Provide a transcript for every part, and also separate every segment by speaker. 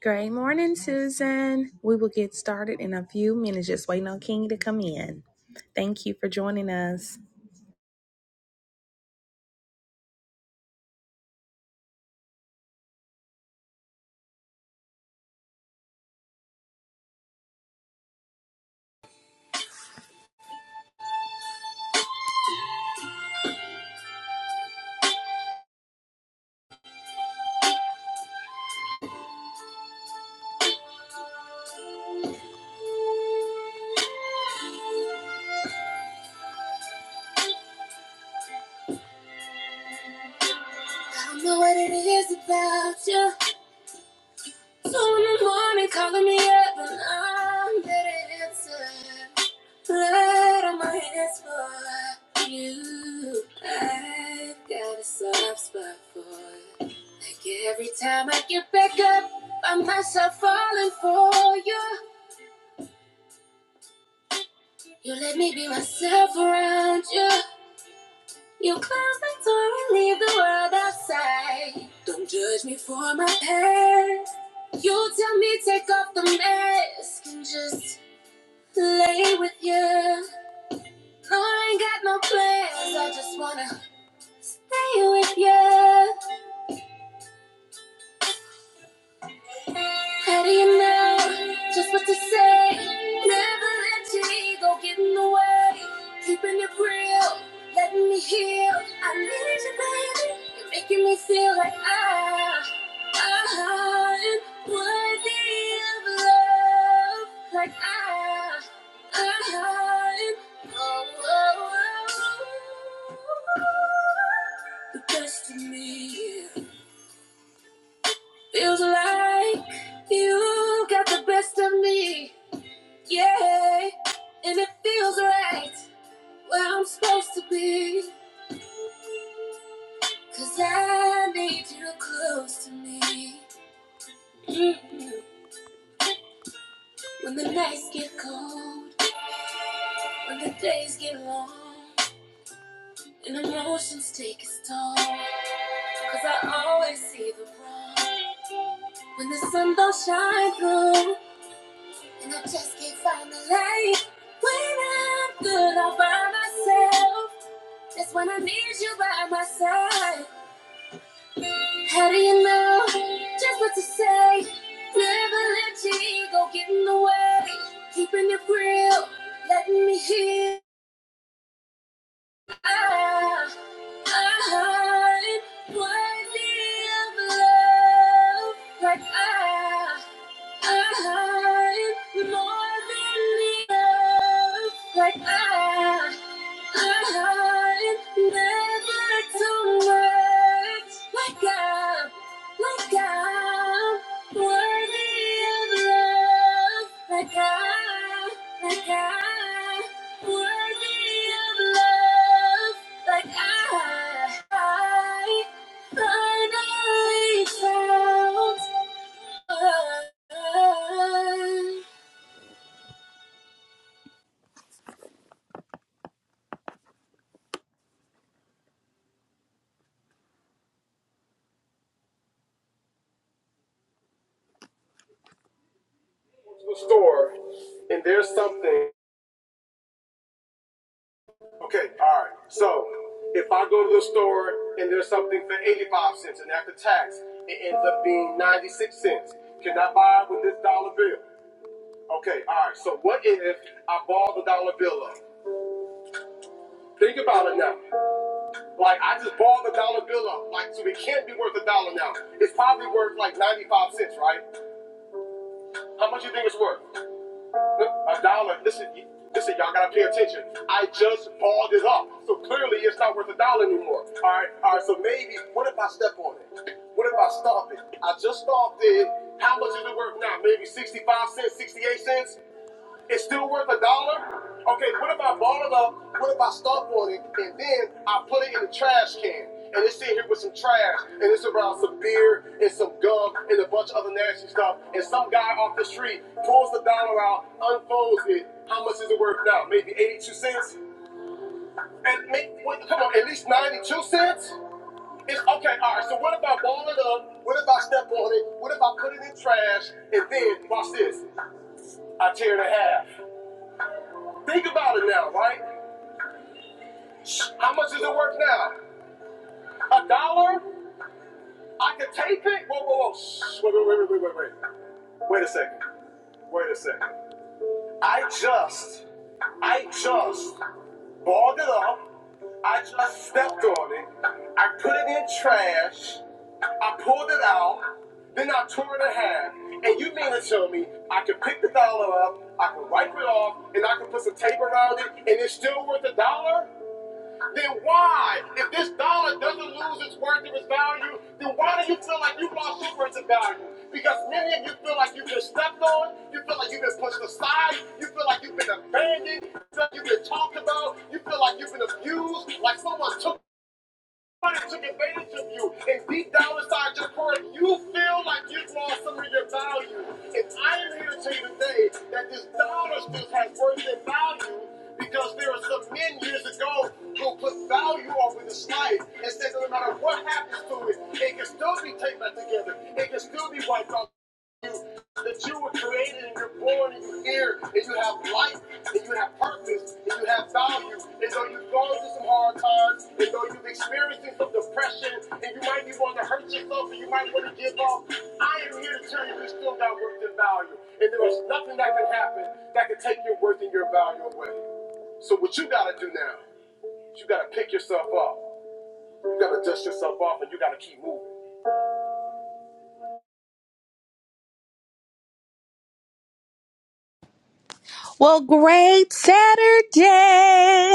Speaker 1: Great morning, Susan. We will get started in a few minutes, just waiting on King to come in. Thank you for joining us.
Speaker 2: I don't know what it is about you. Two in the morning calling me up and I'm better answer. Blood on my hands for you. I've got a soft spot for you. Like every time I get back up, I'm myself falling for you. You let me be myself around you. You close the door and leave the world outside. Don't judge me for my past. You tell me take off the mask and just lay with you. No, I ain't got no plans. I just wanna lay with you. How do you know just what to say? Never let your ego get in the way. Keeping it real, letting me heal. I need you, baby. You're making me feel like I, I am worthy of love. Like I, I am. Oh, oh, oh. The best of me. Feels like you got the best of me, yeah. And it feels right where I'm supposed to be. 'Cause I need you close to me. mm When the nights get cold, when the days get long, and emotions take its toll, 'cause I always see the wrong. When the sun don't shine through, and I just can't find the light. When I'm good I'll find myself. That's when I need you by my side. How do you know just what to say? Never let your ego get in the way. Keeping it real, letting me hear. I, I, am worthy of love. Like I, I, am more than enough. Like I. Store and there's something. Okay, all right. So if I go to the store and there's something for 85 cents and after tax it ends up being 96 cents, can I buy it with this dollar bill? Okay, all right. So what if I ball the dollar bill up? Think about it now. Like I just balled the dollar bill up. Like so it can't be worth a dollar now. It's probably worth like 95 cents, right? How much do you think it's worth? A dollar. Listen, listen, y'all gotta pay attention. I just balled it up, so clearly it's not worth a dollar anymore. All right, all right. So maybe, what if I step on it? What if I stomp it? I just stomped it. How much is it worth now? Maybe sixty-five cents, sixty-eight cents. It's still worth a dollar? Okay, what if I ball it up? What if I stomp on it and then I put it in the trash can? And it's in here with some trash and it's around some beer and some gum and a bunch of other nasty stuff. And some guy off the street pulls the dollar out, unfolds it. How much is it worth now? Maybe 82 cents? And make, what, come on, at least 92 cents? It's okay, all right. So what if I ball it up? What if I step on it? What if I put it in trash? And then watch this. I tear it in half. Think about it now, right? How much is it worth now? A dollar? I can tape it? Whoa, whoa, whoa. Shh, Wait, wait, wait, wait, wait, wait. Wait a second. Wait a second. I just, I just balled it up. I just stepped on it. I put it in trash. I pulled it out. Then I tore it in half. And you mean to tell me I can pick the dollar up, I can wipe it off, and I can put some tape around it, and it's still worth a dollar? Then why, if this dollar doesn't lose its worth and its value, then why do you feel like you lost your worth and value? Because many of you feel like you've been stepped on, you feel like you've been pushed aside, you feel like you've been abandoned, you feel like you've been talked about, you feel like you've been abused, like someone took Somebody took advantage of you, and deep down inside your heart, you feel like you've lost some of your value. And I am here to tell you today that this dollar still has worth and value because there are some men years ago who put value over this life and said that no matter what happens to it, it can still be taken back together. It can still be wiped out that you were created and you're born and you're here and you have life and you have purpose and you have value. And though you've gone through some hard times and though you've experienced some depression and you might be wanting to hurt yourself and you might want to give up, I am here to tell you you still got worth and value. And there is nothing that can happen that can take your worth and your value away. So what you gotta do now, is you gotta pick yourself up. You gotta dust yourself off and you gotta keep moving.
Speaker 1: Well, great Saturday.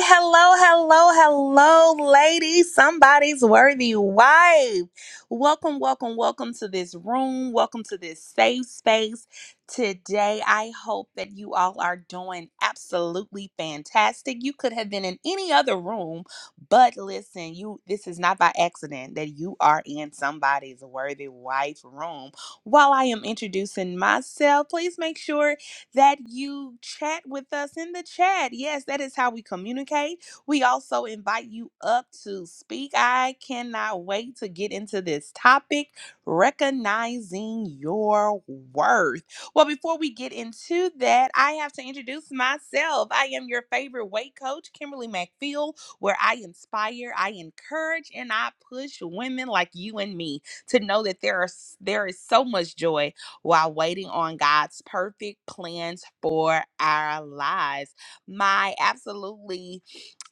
Speaker 1: Hello, hello, hello, ladies. Somebody's worthy wife. Welcome, welcome, welcome to this room. Welcome to this safe space. Today, I hope that you all are doing absolutely fantastic. You could have been in any other room, but listen, you this is not by accident that you are in somebody's worthy wife room. While I am introducing myself, please make sure that you chat with us in the chat. Yes, that is how we communicate. We also invite you up to speak. I cannot wait to get into this topic recognizing your worth. Well, before we get into that, I have to introduce myself. I am your favorite weight coach, Kimberly McPhail, where I inspire, I encourage, and I push women like you and me to know that there are there is so much joy while waiting on God's perfect plans for our lives. My absolutely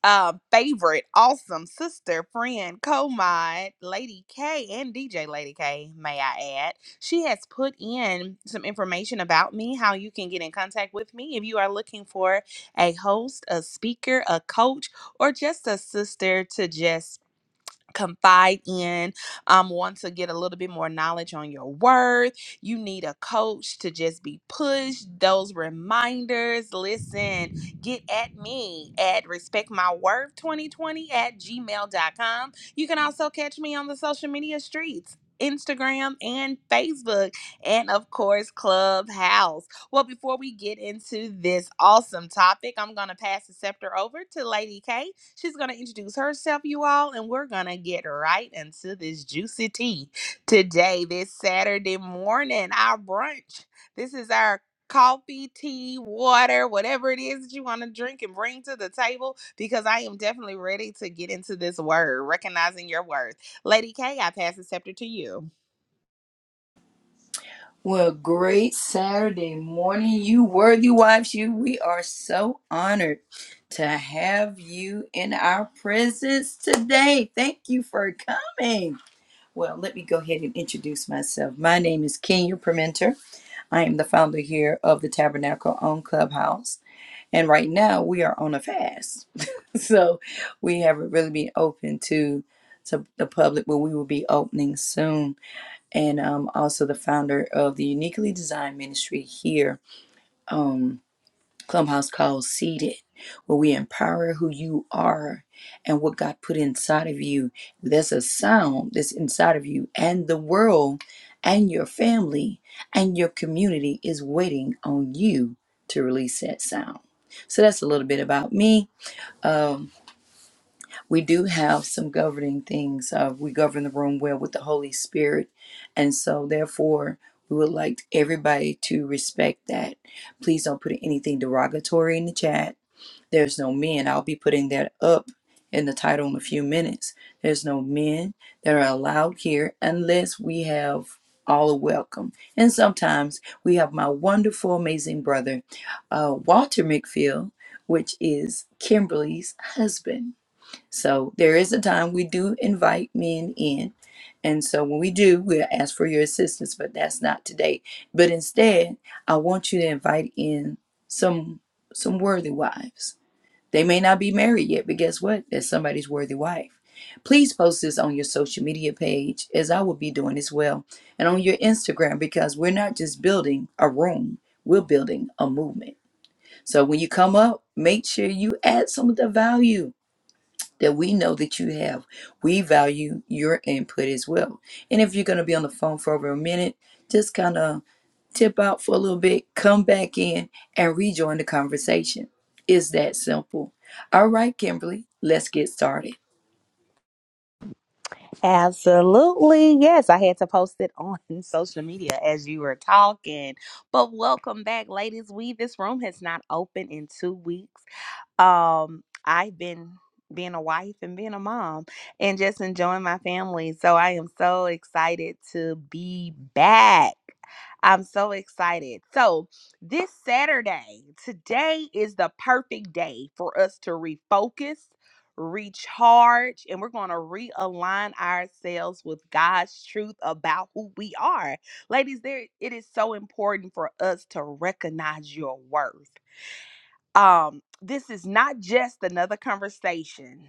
Speaker 1: uh, favorite, awesome sister, friend, co mod, Lady K, and DJ Lady K, may I add. She has put in some information about me, how you can get in contact with me if you are looking for a host, a speaker, a coach, or just a sister to just confide in, um, want to get a little bit more knowledge on your worth. You need a coach to just be pushed. Those reminders, listen, get at me at respectmyworth2020 at gmail dot com. You can also catch me on the social media streets. Instagram and Facebook, and of course, Clubhouse. Well, before we get into this awesome topic, I'm going to pass the scepter over to Lady K She's going to introduce herself, you all, and we're going to get right into this juicy tea today, this Saturday morning, our brunch. This is our coffee, tea, water, whatever it is that you want to drink and bring to the table, because I am definitely ready to get into this word, recognizing your worth. Lady K, I pass the scepter to you.
Speaker 2: Well, great Saturday morning, you worthy wives. You, we are so honored to have you in our presence today. Thank you for coming. Well, let me go ahead and introduce myself. My name is Kenya Permenter. I am the founder here of the Tabernacle on Clubhouse. And right now we are on a fast. so we haven't really been open to, to the public, but we will be opening soon and I'm also the founder of the Uniquely Designed Ministry here, um, Clubhouse called Seated, where we empower who you are and what God put inside of you. There's a sound that's inside of you, and the world and your family and your community is waiting on you to release that sound. So that's a little bit about me. Um, we do have some governing things. Uh, we govern the room well with the Holy Spirit. And so, therefore, we would like everybody to respect that. Please don't put anything derogatory in the chat. There's no men. I'll be putting that up in the title in a few minutes. There's no men that are allowed here unless we have all are welcome. And sometimes we have my wonderful, amazing brother, uh, Walter McPhail, which is Kimberly's husband. So there is a time we do invite men in. And so when we do, we'll ask for your assistance, but that's not today. But instead, I want you to invite in some some worthy wives. They may not be married yet, but guess what? thats somebody's worthy wife. Please post this on your social media page, as I will be doing as well, and on your Instagram, because we're not just building a room, we're building a movement. So when you come up, make sure you add some of the value that we know that you have. We value your input as well. And if you're going to be on the phone for over a minute, just kind of tip out for a little bit, come back in, and rejoin the conversation. It's that simple. All right, Kimberly, let's get started.
Speaker 1: Absolutely. Yes, I had to post it on social media as you were talking. But welcome back, ladies. We this room has not opened in two weeks. um i've been being a wife and being a mom and just enjoying my family so i am so excited to be back i'm so excited so this saturday today is the perfect day for us to refocus recharge and we're going to realign ourselves with god's truth about who we are ladies there it is so important for us to recognize your worth um this is not just another conversation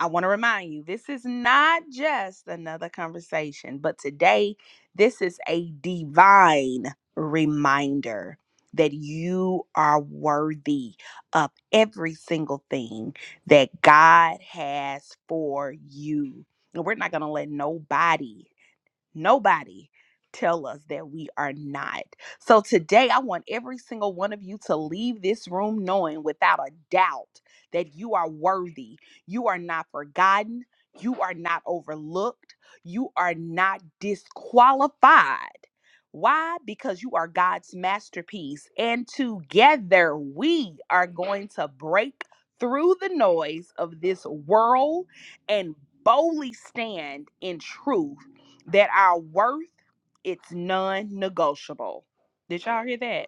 Speaker 1: i want to remind you this is not just another conversation but today this is a divine reminder that you are worthy of every single thing that god has for you and we're not going to let nobody Nobody tell us that we are not. So today I want every single one of you to leave this room knowing without a doubt that you are worthy. You are not forgotten. You are not overlooked. You are not disqualified. Why? Because you are God's masterpiece. And together we are going to break through the noise of this world and boldly stand in truth that our worth it's non-negotiable. Did y'all hear that?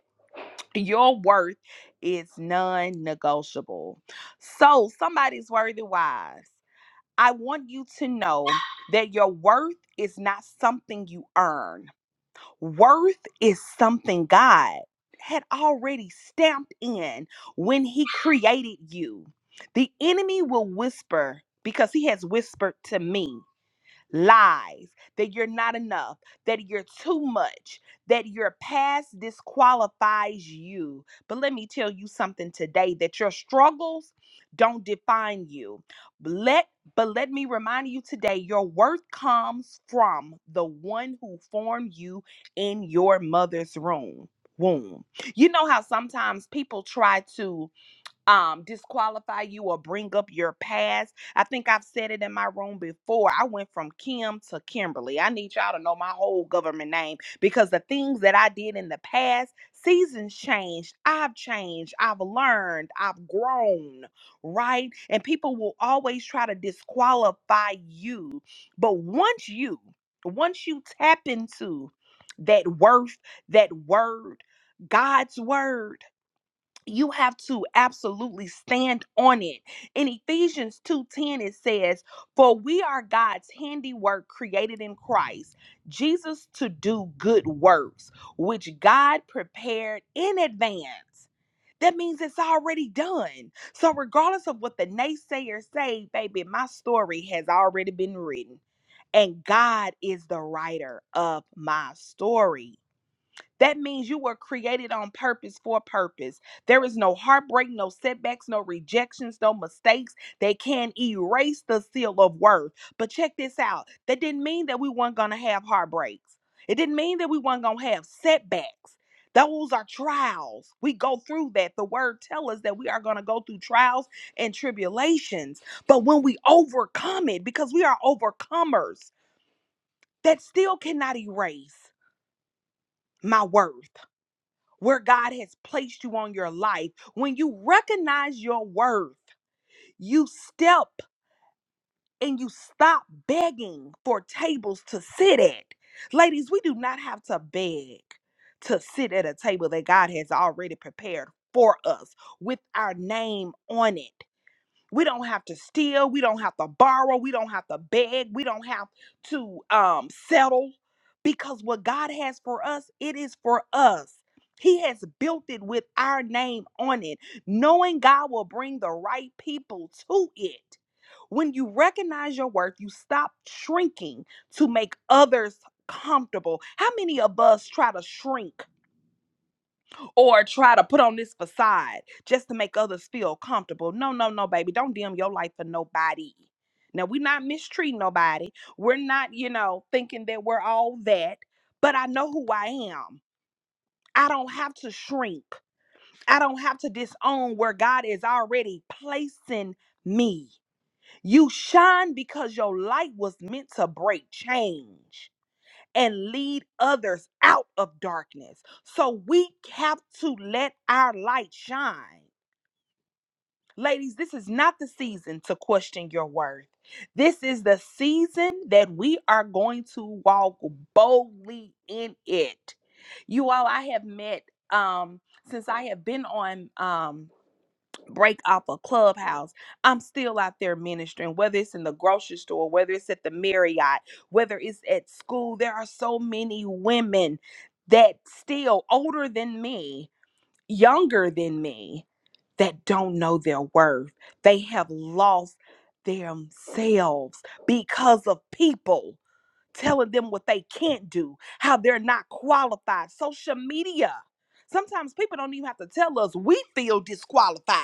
Speaker 1: Your worth is non-negotiable. So somebody's worthy wise. I want you to know that your worth is not something you earn. Worth is something God had already stamped in when he created you. The enemy will whisper because he has whispered to me lies, that you're not enough, that you're too much, that your past disqualifies you. But let me tell you something today that your struggles don't define you. Let but let me remind you today your worth comes from the one who formed you in your mother's room womb. You know how sometimes people try to um, disqualify you or bring up your past. I think I've said it in my room before. I went from Kim to Kimberly. I need y'all to know my whole government name because the things that I did in the past, seasons changed. I've changed. I've learned. I've grown, right? And people will always try to disqualify you. But once you, once you tap into that worth, that word, God's word you have to absolutely stand on it. In Ephesians 2:10 it says, "For we are God's handiwork created in Christ Jesus to do good works which God prepared in advance." That means it's already done. So regardless of what the naysayers say, baby, my story has already been written and God is the writer of my story. That means you were created on purpose for a purpose. There is no heartbreak, no setbacks, no rejections, no mistakes. They can erase the seal of worth. But check this out that didn't mean that we weren't going to have heartbreaks, it didn't mean that we weren't going to have setbacks. Those are trials. We go through that. The word tells us that we are going to go through trials and tribulations. But when we overcome it, because we are overcomers, that still cannot erase my worth where God has placed you on your life, when you recognize your worth, you step and you stop begging for tables to sit at. Ladies, we do not have to beg to sit at a table that God has already prepared for us with our name on it. We don't have to steal. We don't have to borrow. We don't have to beg. We don't have to um, settle because what God has for us, it is for us. He has built it with our name on it, knowing God will bring the right people to it. When you recognize your worth, you stop shrinking to make others comfortable. How many of us try to shrink? or try to put on this facade just to make others feel comfortable. No, no, no, baby. Don't dim your light for nobody. Now, we're not mistreating nobody. We're not, you know, thinking that we're all that, but I know who I am. I don't have to shrink. I don't have to disown where God is already placing me. You shine because your light was meant to break change and lead others out of darkness. So we have to let our light shine. Ladies, this is not the season to question your worth. This is the season that we are going to walk boldly in it. You all, I have met um, since I have been on. Um, break off a clubhouse i'm still out there ministering whether it's in the grocery store whether it's at the marriott whether it's at school there are so many women that still older than me younger than me that don't know their worth they have lost themselves because of people telling them what they can't do, how they're not qualified. Social media. Sometimes people don't even have to tell us we feel disqualified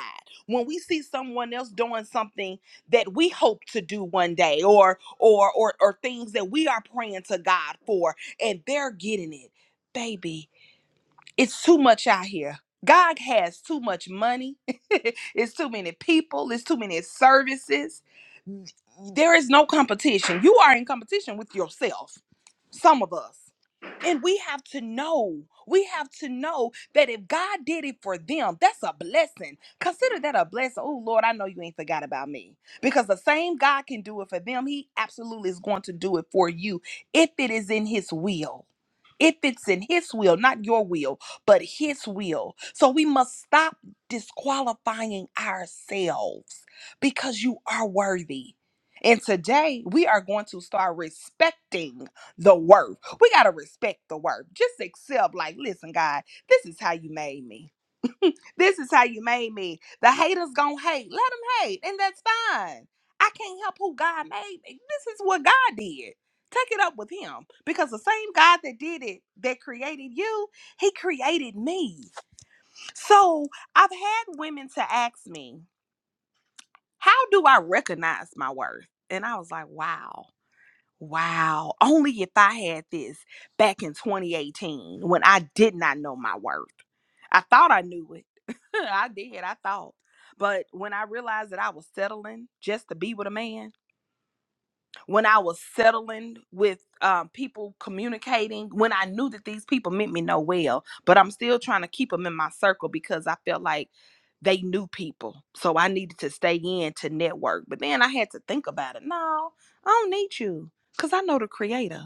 Speaker 1: when we see someone else doing something that we hope to do one day or or or or things that we are praying to God for and they're getting it. Baby, it's too much out here. God has too much money. it's too many people. It's too many services. There is no competition. You are in competition with yourself. Some of us. And we have to know, we have to know that if God did it for them, that's a blessing. Consider that a blessing. Oh, Lord, I know you ain't forgot about me. Because the same God can do it for them, He absolutely is going to do it for you if it is in His will. If it's in His will, not your will, but His will. So we must stop disqualifying ourselves because you are worthy. And today we are going to start respecting the worth. We got to respect the worth. Just accept, like, listen, God, this is how you made me. This is how you made me. The haters gonna hate. Let them hate, and that's fine. I can't help who God made me. This is what God did. Take it up with Him because the same God that did it, that created you, He created me. So I've had women to ask me, How do I recognize my worth? And I was like, Wow. Wow. Only if I had this back in 2018 when I did not know my worth. I thought I knew it. I did. I thought. But when I realized that I was settling just to be with a man, when I was settling with um, people communicating, when I knew that these people meant me no well, but I'm still trying to keep them in my circle because I felt like they knew people. So I needed to stay in to network. But then I had to think about it. No, I don't need you because I know the creator.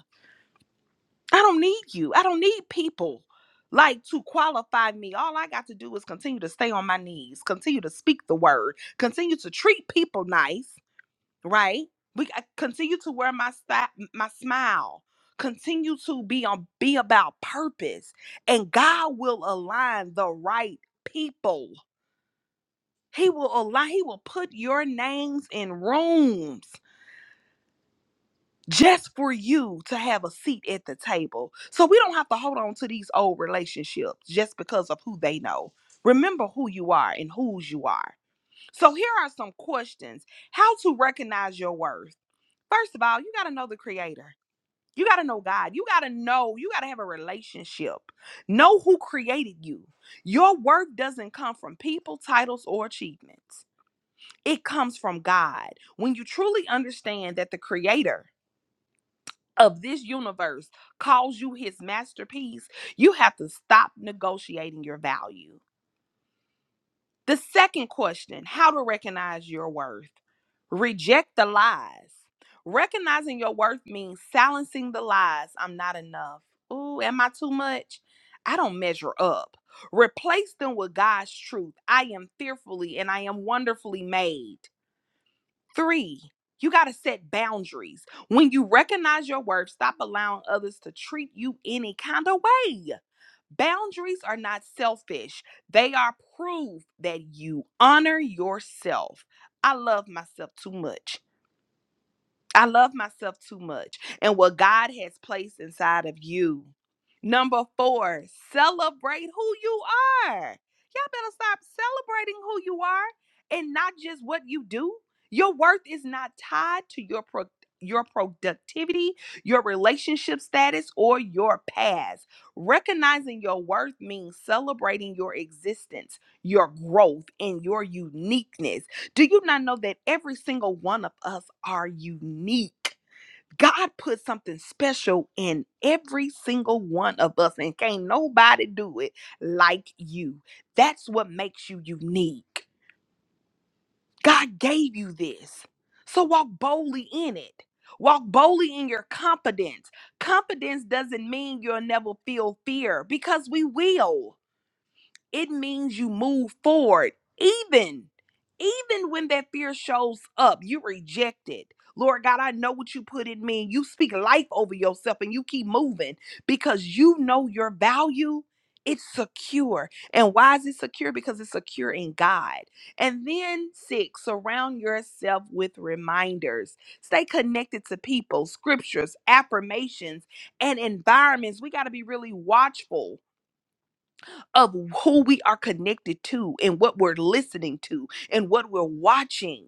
Speaker 1: I don't need you. I don't need people like to qualify me. All I got to do is continue to stay on my knees, continue to speak the word, continue to treat people nice, right? We I continue to wear my sti- my smile. Continue to be on be about purpose and God will align the right people. He will align he will put your names in rooms. just for you to have a seat at the table. So we don't have to hold on to these old relationships just because of who they know. Remember who you are and whose you are. So here are some questions how to recognize your worth. First of all, you got to know the creator. You got to know God. You got to know, you got to have a relationship. Know who created you. Your worth doesn't come from people, titles, or achievements. It comes from God. When you truly understand that the creator of this universe calls you his masterpiece, you have to stop negotiating your value. The second question how to recognize your worth? Reject the lies. Recognizing your worth means silencing the lies. I'm not enough. Ooh, am I too much? I don't measure up. Replace them with God's truth. I am fearfully and I am wonderfully made. Three, you got to set boundaries. When you recognize your worth, stop allowing others to treat you any kind of way. Boundaries are not selfish, they are proof that you honor yourself. I love myself too much. I love myself too much and what God has placed inside of you. Number four, celebrate who you are. Y'all better stop celebrating who you are and not just what you do. Your worth is not tied to your pro- your productivity, your relationship status, or your past. Recognizing your worth means celebrating your existence, your growth, and your uniqueness do you not know that every single one of us are unique? God put something special in every single one of us, and can't nobody do it like you. That's what makes you unique. God gave you this. So walk boldly in it. Walk boldly in your confidence. Confidence doesn't mean you'll never feel fear because we will it means you move forward even even when that fear shows up you reject it lord god i know what you put in me you speak life over yourself and you keep moving because you know your value it's secure and why is it secure because it's secure in god and then six surround yourself with reminders stay connected to people scriptures affirmations and environments we got to be really watchful of who we are connected to and what we're listening to and what we're watching.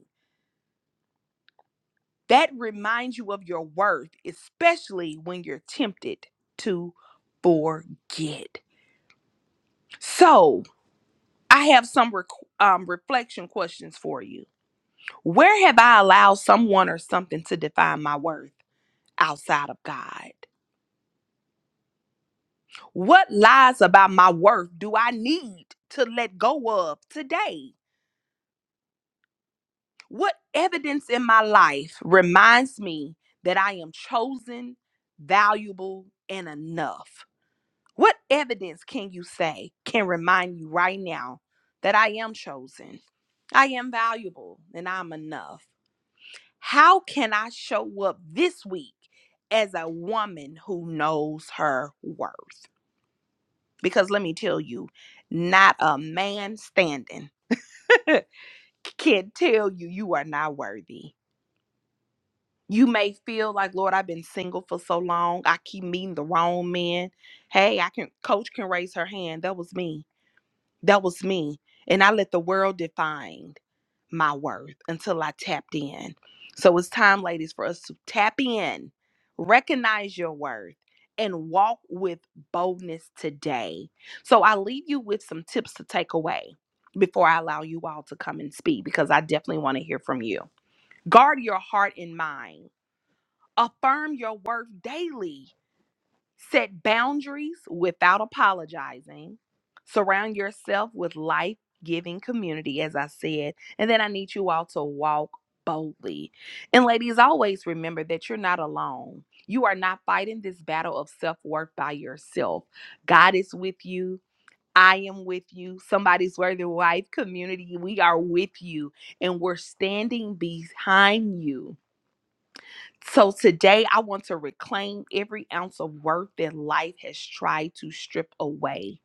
Speaker 1: That reminds you of your worth, especially when you're tempted to forget. So, I have some rec- um, reflection questions for you. Where have I allowed someone or something to define my worth outside of God? What lies about my worth do I need to let go of today? What evidence in my life reminds me that I am chosen, valuable, and enough? What evidence can you say can remind you right now that I am chosen, I am valuable, and I'm enough? How can I show up this week as a woman who knows her worth? Because let me tell you, not a man standing can tell you you are not worthy You may feel like, Lord, I've been single for so long. I keep meeting the wrong men. Hey, I can coach can raise her hand. That was me. That was me. And I let the world define my worth until I tapped in. So it's time, ladies, for us to tap in, recognize your worth, and walk with boldness today. So I leave you with some tips to take away before I allow you all to come and speak because I definitely want to hear from you. Guard your heart and mind. Affirm your worth daily. Set boundaries without apologizing. Surround yourself with life giving community, as I said. And then I need you all to walk boldly. And ladies, always remember that you're not alone. You are not fighting this battle of self worth by yourself. God is with you. I am with you. Somebody's Worthy Wife community, we are with you and we're standing behind you. So today I want to reclaim every ounce of worth that life has tried to strip away.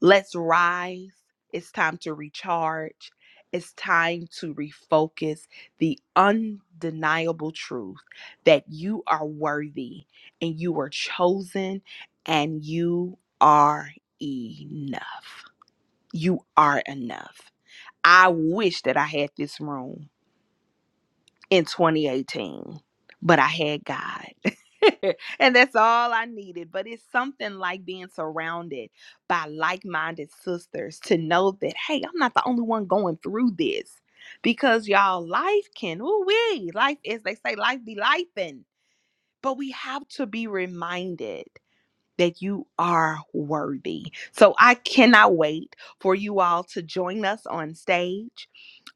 Speaker 1: Let's rise. It's time to recharge. It's time to refocus the undeniable truth that you are worthy and you are chosen and you are enough. You are enough. I wish that I had this room in 2018, but I had God. and that's all I needed. But it's something like being surrounded by like minded sisters to know that, hey, I'm not the only one going through this because y'all, life can, ooh, we, life, as they say, life be life. But we have to be reminded that you are worthy. So I cannot wait for you all to join us on stage.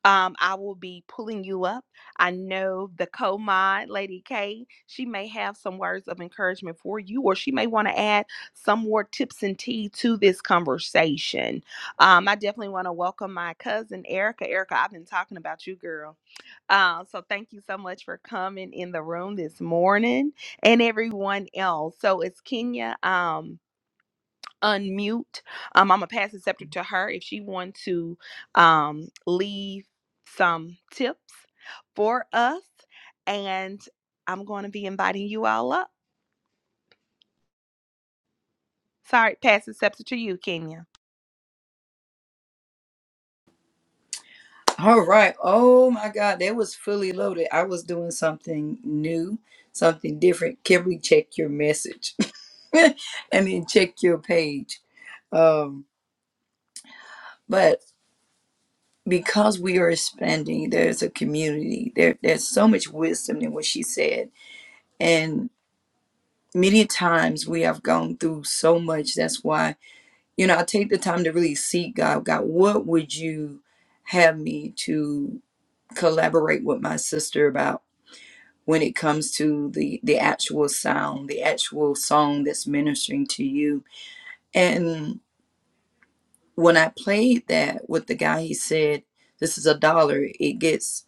Speaker 1: Um, I will be pulling you up. I know the co mod, Lady K, she may have some words of encouragement for you, or she may want to add some more tips and tea to this conversation. Um, I definitely want to welcome my cousin, Erica. Erica, I've been talking about you, girl. Uh, so thank you so much for coming in the room this morning and everyone else. So it's Kenya. Um, unmute. Um, I'm gonna pass the scepter to her if she wants to um, leave some tips for us, and I'm going to be inviting you all up. Sorry, pass the scepter to you, Kenya.
Speaker 2: All right. Oh my God, that was fully loaded. I was doing something new, something different. Kimberly, check your message and then check your page. Um, but because we are expanding, there's a community. There, there's so much wisdom in what she said. And many times we have gone through so much. That's why, you know, I take the time to really seek God. God, what would you have me to collaborate with my sister about when it comes to the the actual sound, the actual song that's ministering to you? And when I played that with the guy, he said, This is a dollar. It gets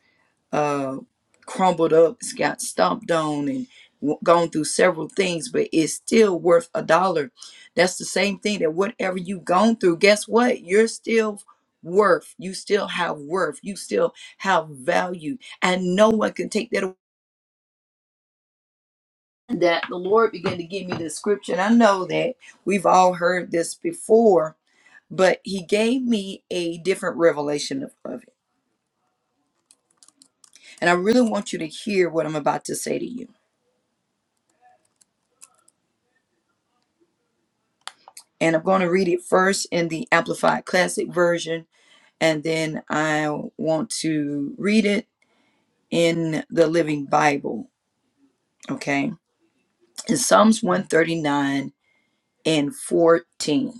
Speaker 2: uh, crumbled up, it's got stomped on, and w- gone through several things, but it's still worth a dollar. That's the same thing that whatever you've gone through, guess what? You're still worth. You still have worth. You still have value, and no one can take that away. That the Lord began to give me the scripture, and I know that we've all heard this before, but He gave me a different revelation of, of it. And I really want you to hear what I'm about to say to you And I'm going to read it first in the Amplified Classic Version, and then I want to read it in the Living Bible. Okay. In Psalms 139 and 14.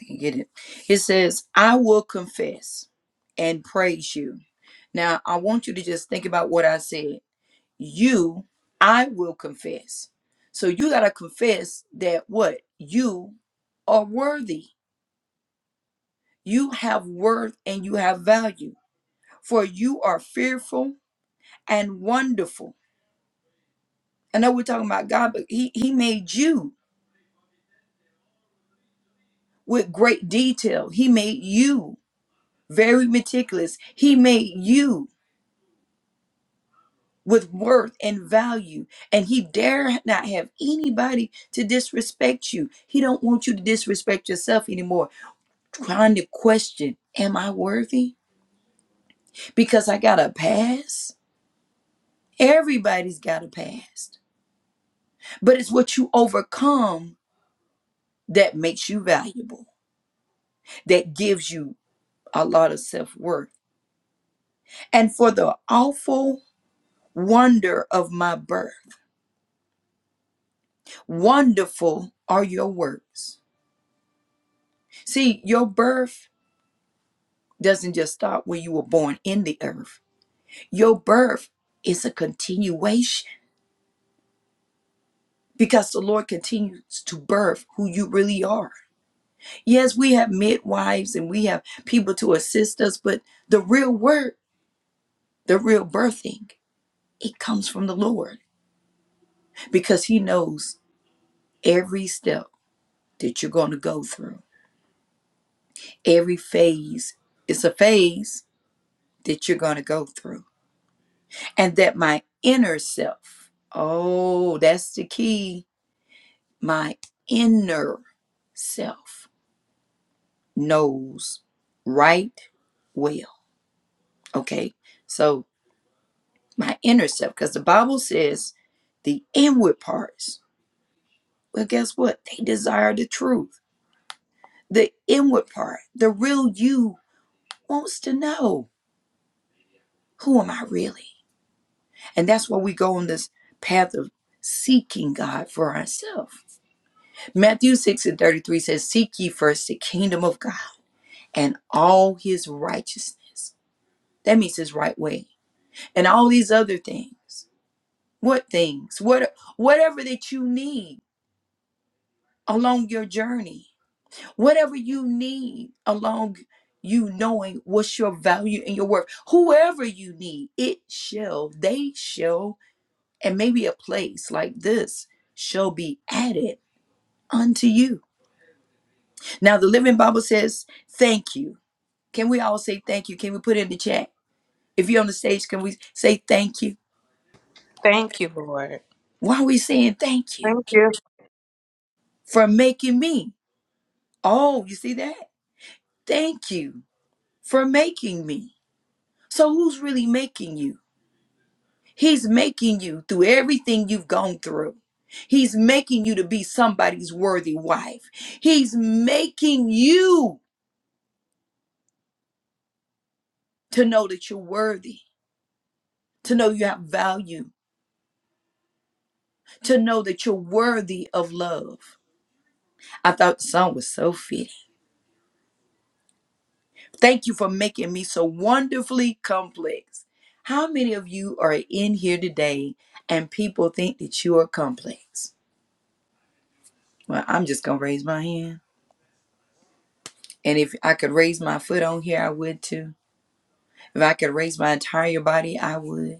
Speaker 2: I can get it. It says, I will confess and praise you. Now, I want you to just think about what I said. You, I will confess. So you got to confess that what? You are worthy. You have worth and you have value for you are fearful and wonderful. I know we're talking about God, but He He made you with great detail. He made you very meticulous. He made you with worth and value, and He dare not have anybody to disrespect you. He don't want you to disrespect yourself anymore. Trying to question, am I worthy? Because I got a past. Everybody's got a past, but it's what you overcome that makes you valuable. that gives you a lot of self worth. And for the awful wonder of my birth, wonderful are your works. See, your birth doesn't just stop when you were born in the earth, your birth is a continuation. Because the Lord continues to birth who you really are. Yes, we have midwives and we have people to assist us, but the real work, the real birthing, it comes from the Lord because He knows every step that you're going to go through. Every phase is a phase that you're going to go through. And that my inner self, oh, that's the key. My inner self knows right well. Okay. So my inner self, because the Bible says the inward parts, well, guess what? They desire the truth. The inward part, the real you wants to know who am I really? And that's why we go on this path of seeking God for ourselves. Matthew 6 and 33 says, Seek ye first the kingdom of God and all his righteousness. That means his right way. And all these other things. What things? What whatever that you need along your journey. Whatever you need along you knowing what's your value and your worth. Whoever you need, it shall, they shall and maybe a place like this shall be added unto you. Now, the Living Bible says, Thank you. Can we all say thank you? Can we put it in the chat? If you're on the stage, can we say thank you?
Speaker 1: Thank you, Lord.
Speaker 2: Why are we saying thank you
Speaker 3: Thank you.
Speaker 2: for making me? Oh, you see that? Thank you for making me. So, who's really making you? He's making you through everything you've gone through. He's making you to be somebody's worthy wife. He's making you to know that you're worthy, to know you have value, to know that you're worthy of love. I thought the song was so fitting. Thank you for making me so wonderfully complex. How many of you are in here today and people think that you are complex? Well, I'm just going to raise my hand. And if I could raise my foot on here, I would too. If I could raise my entire body, I would.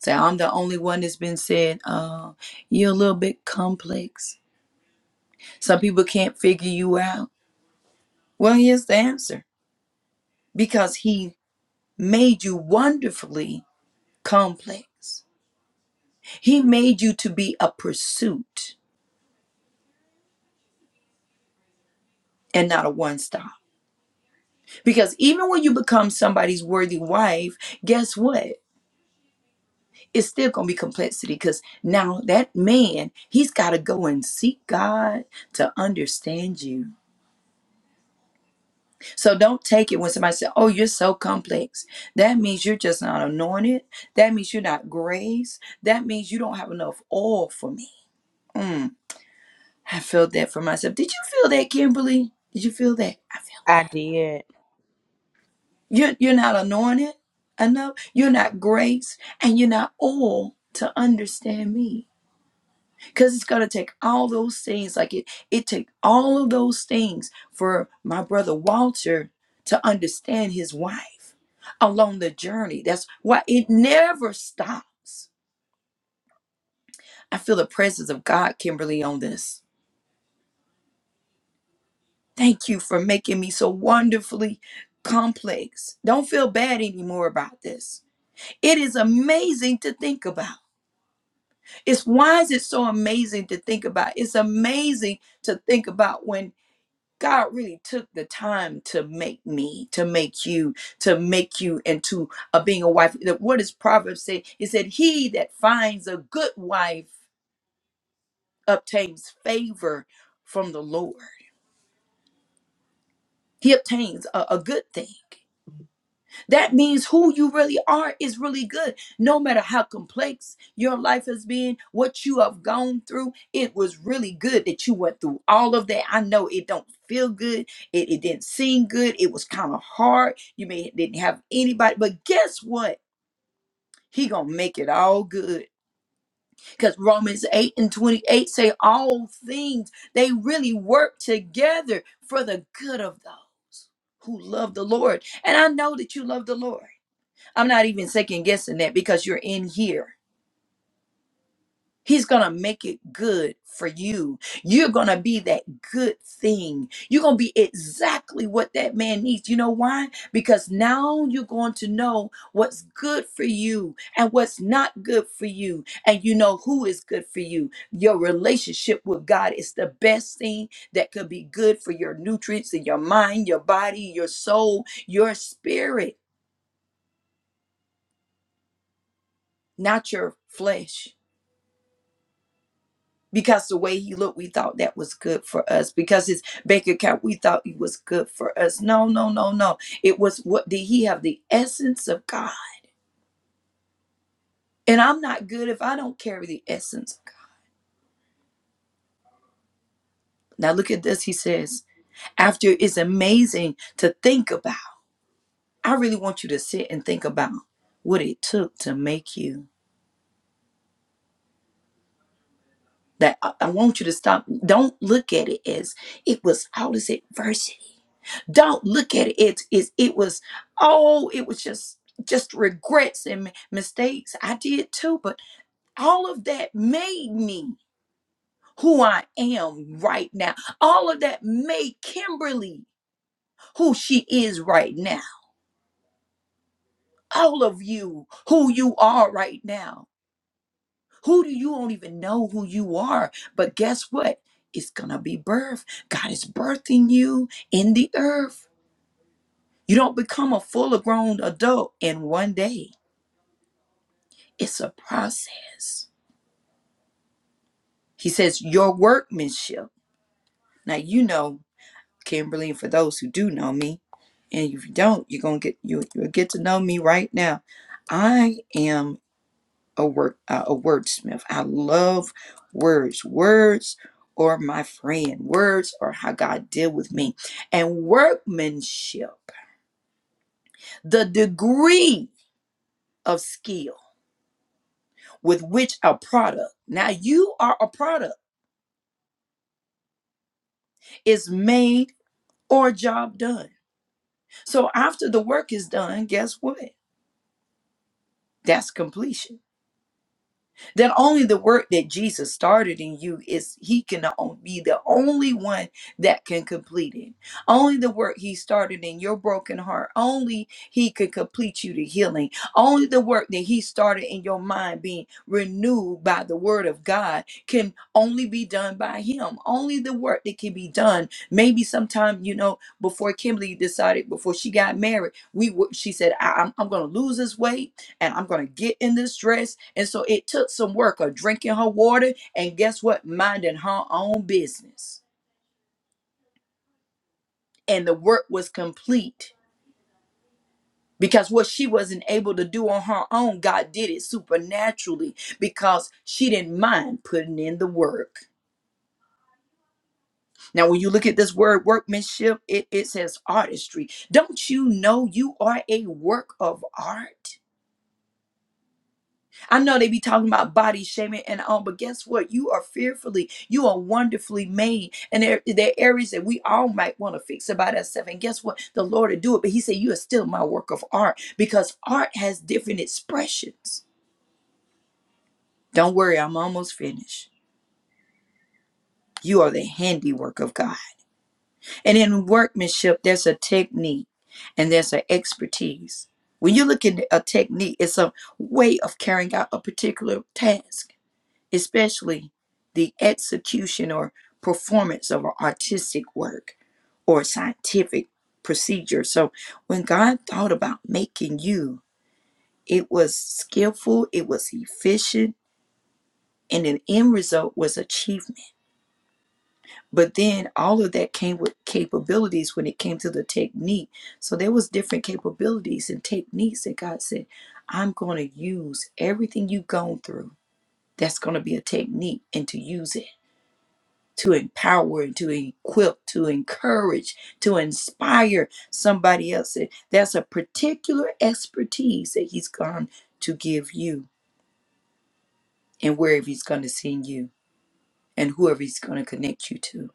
Speaker 2: So I'm the only one that's been said, uh, you're a little bit complex. Some people can't figure you out. Well, here's the answer because He made you wonderfully complex. He made you to be a pursuit and not a one stop. Because even when you become somebody's worthy wife, guess what? It's still going to be complexity because now that man, he's got to go and seek God to understand you. So don't take it when somebody says, Oh, you're so complex. That means you're just not anointed. That means you're not grace. That means you don't have enough oil for me. Mm. I felt that for myself. Did you feel that, Kimberly? Did you feel that? I felt
Speaker 1: I
Speaker 2: that.
Speaker 1: did.
Speaker 2: You're, you're not anointed enough. You're not grace, and you're not all to understand me. Because it's going to take all those things. Like it, it take all of those things for my brother Walter to understand his wife along the journey. That's why it never stops. I feel the presence of God, Kimberly, on this. Thank you for making me so wonderfully complex. Don't feel bad anymore about this. It is amazing to think about. It's why is it so amazing to think about? It's amazing to think about when God really took the time to make me, to make you, to make you into a being a wife. That- What does Proverbs say? It said, He that finds a good wife obtains favor from the Lord. He obtains a a good thing. That means who you really are is really good. No matter how complex your life has been, what you have gone through, it was really good that you went through all of that. I know it don't feel good. It, it didn't seem good. It was kind of hard. You may didn't have anybody, but guess what? He gonna make it all good. Cause Romans 8 and 28 say all things, they really work together for the good of those who love the Lord. And I know that you love the Lord. I'm not even second guessing that because you're in here. He's going to make it good for you. You're going to be that good thing. You're going to be exactly what that man needs. You know why? Because now you're going to know what's good for you and what's not good for you. And you know who is good for you. Your relationship with God is the best thing that could be good for your nutrients in your mind, your body, your soul, your spirit, not your flesh. because the way he looked, we thought that was good for us. Because his bank account, we thought it was good for us. No, no, no, no. It was what did he have? The essence of God. And I'm not good if I don't carry the essence of God. Now look at this, he says. After it's amazing to think about. I really want you to sit and think about what it took to make you. That I, I want you to stop. Don't look at it as it was all this adversity. don't look at it. it is it was oh it was just just regrets and m- mistakes i did too but all of that made me who i am right now all of that made kimberly who she is right now all of you who you are right now who do you don't even know who you are but guess what it's gonna be birth god is birthing you in the earth you don't become a full grown adult in one day It's a process. He says, Your workmanship. Now, you know, Kimberly, and for those who do know me, and if you don't, you're going to get, you, you'll get to know me right now. I am a word, uh, a wordsmith. I love words. Words or my friend. Words or how God deal with me. And workmanship, the degree of skill with which a product, now you are a product, is made or job done. So after the work is done, guess what? That's completion that only the work that Jesus started in you is he can o- be the only one that can complete it. Only the work he started in your broken heart, only he can complete you to healing. Only the work that he started in your mind being renewed by the word of God can only be done by him. Only the work that can be done. Maybe sometime, you know, before Kimberly decided before she got married, we were, she said, I, am I'm going to lose this weight and I'm going to get in this dress. And so it took some work of drinking her water and guess what? Minding her own business. And the work was complete because what she wasn't able to do on her own, God did it supernaturally because she didn't mind putting in the work. Now, when you look at this word workmanship, it, it says artistry. Don't you know you are a work of art? I know they be talking about body shaming and all, but guess what? You are fearfully, you are wonderfully made. And there, there are areas that we all might want to fix about ourselves. And guess what? The Lord will do it. But He said, You are still my work of art because art has different expressions. Don't worry, I'm almost finished. You are the handiwork of God. And in workmanship, there's a technique and there's an expertise. When you look at a technique, it's a way of carrying out a particular task. especially the execution or performance of an artistic work or scientific procedure. So when God thought about making you, it was skillful, it was efficient, and an end result was achievement. But then all of that came with capabilities when it came to the technique. So there was different capabilities and techniques that God said, I'm going to use everything you've gone through. That's going to be a technique and to use it. to empower, to equip, to encourage, to inspire somebody else. That's a particular expertise that he's going to give you and wherever he's going to send you and whoever he's going to connect you to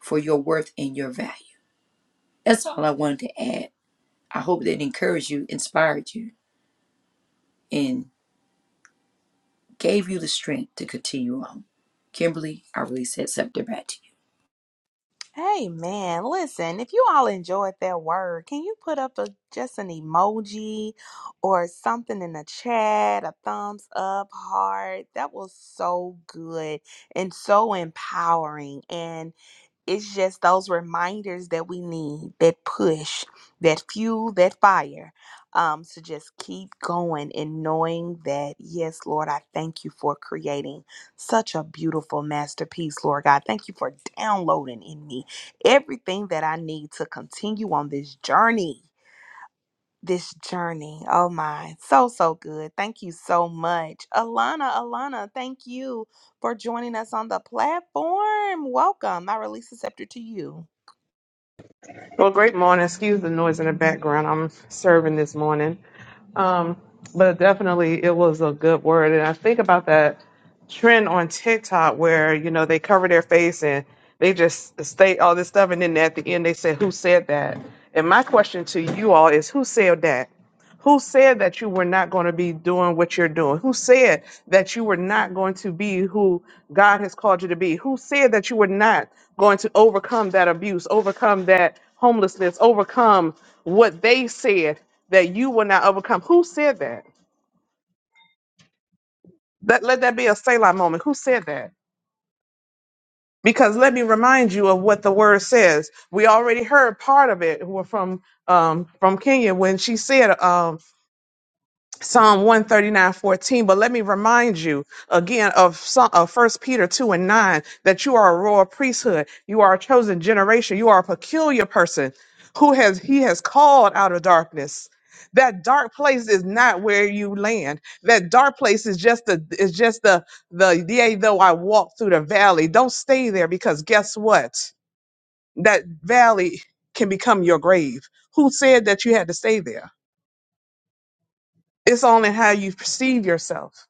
Speaker 2: for your worth and your value. That's all I wanted to add. I hope that encouraged you, inspired you, and gave you the strength to continue on. Kimberly, I release that scepter back to you.
Speaker 1: Hey man, listen, if you all enjoyed that word, can you put up a just an emoji or something in the chat, a thumbs up, heart? That was so good and so empowering. And it's just those reminders that we need that push, that fuel, that fire um, to just keep going and knowing that, yes, Lord, I thank you for creating such a beautiful masterpiece, Lord God. Thank you for downloading in me everything that I need to continue on this journey this journey. Oh my, so, so good. Thank you so much. Alana, Alana, thank you for joining us on the platform. Welcome. I release the scepter to you.
Speaker 3: Well, great morning. Excuse the noise in the background. I'm serving this morning. Um, but definitely it was a good word. And I think about that trend on TikTok where, you know, they cover their face and they just state all this stuff. And then at the end, they say, Who said that? And my question to you all is, Who said that? Who said that you were not going to be doing what you're doing? Who said that you were not going to be who God has called you to be? Who said that you were not going to overcome that abuse, overcome that homelessness, overcome what they said that you will not overcome? Who said that? Let, let that be a Selah moment. Who said that? Because let me remind you of what the word says. We already heard part of it wa- from um, from Kenya when she said. um, Psalm 139:14. But let me remind you again of, Psa- of 1 Peter 2 and 9 that you are a royal priesthood. You are a chosen generation. You are a peculiar person who has, he has called out of darkness. That dark place is not where you land. That dark place is just the, is just the, the, yea, though I walk through the valley. Don't stay there because guess what? That valley can become your grave. Who said that you had to stay there? It's only how you perceive yourself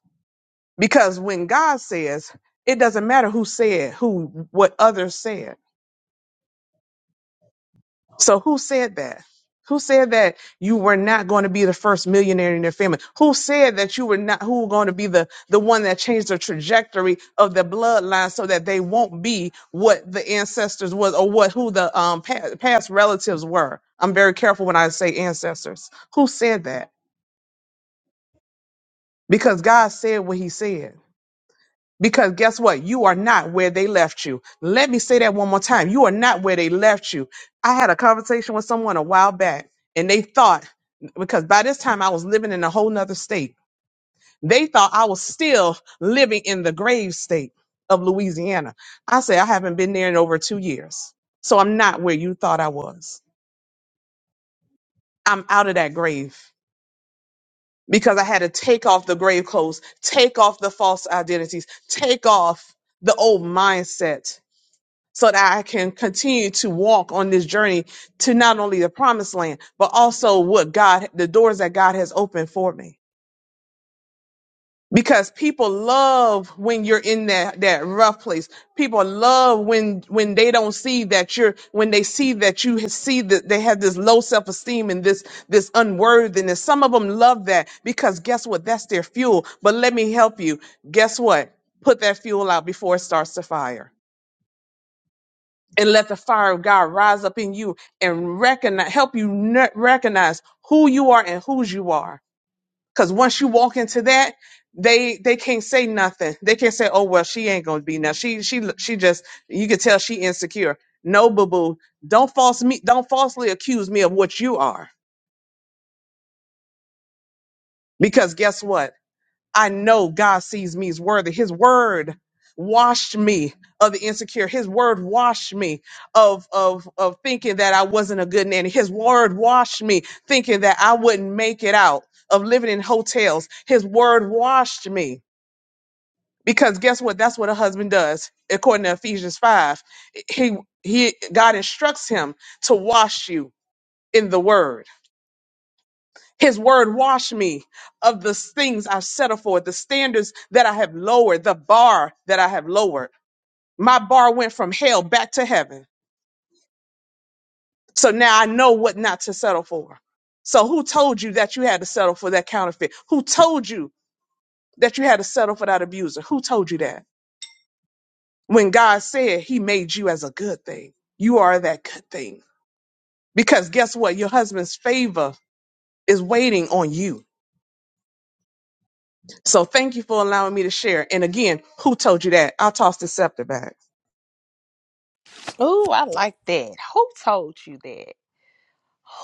Speaker 3: because when God says, it doesn't matter who said, who, what others said. So who said that? Who said that you were not going to be the first millionaire in your family? Who said that you were not, who were going to be the, the one that changed the trajectory of the bloodline so that they won't be what the ancestors was or what, who the um, pa- past relatives were? I'm very careful when I say ancestors. Who said that? Because God said what he said. Because guess what? You are not where they left you. Let me say that one more time. You are not where they left you. I had a conversation with someone a while back and they thought, because by this time I was living in a whole nother state, they thought I was still living in the grave state of Louisiana. I say, I haven't been there in over two years. So I'm not where you thought I was. I'm out of that grave because I had to take off the grave clothes, take off the false identities, take off the old mindset so that I can continue to walk on this journey to not only the promised land, but also what God, the doors that God has opened for me. Because people love when you're in that, that rough place. People love when, when they don't see that you're, when they see that you ha- see that they have this low self-esteem and this, this unworthiness. Some of them love that because guess what? That's their fuel. But let me help you. Guess what? Put that fuel out before it starts to fire and let the fire of God rise up in you and recognize, help you n- recognize who you are and whose you are. Because once you walk into that, they they can't say nothing. They can't say, "Oh well, she ain't gonna be now. She she she just you can tell she insecure." No, boo boo, don't false me, don't falsely accuse me of what you are. Because guess what? I know God sees me as worthy. His word washed me of the insecure. His word washed me of, of, of thinking that I wasn't a good nanny. His word washed me thinking that I wouldn't make it out of living in hotels. His word washed me because guess what? That's what a husband does. According to Ephesians 5, he, he, God instructs him to wash you in the word. His word wash me of the things I've settled for, the standards that I have lowered, the bar that I have lowered. My bar went from hell back to heaven. So now I know what not to settle for. So who told you that you had to settle for that counterfeit? Who told you that you had to settle for that abuser? Who told you that? When God said he made you as a good thing, you are that good thing. Because guess what? Your husband's favor is waiting on you. So thank you for allowing me to share. And again, who told you that? I'll toss the scepter back.
Speaker 1: Oh, I like that. Who told you that?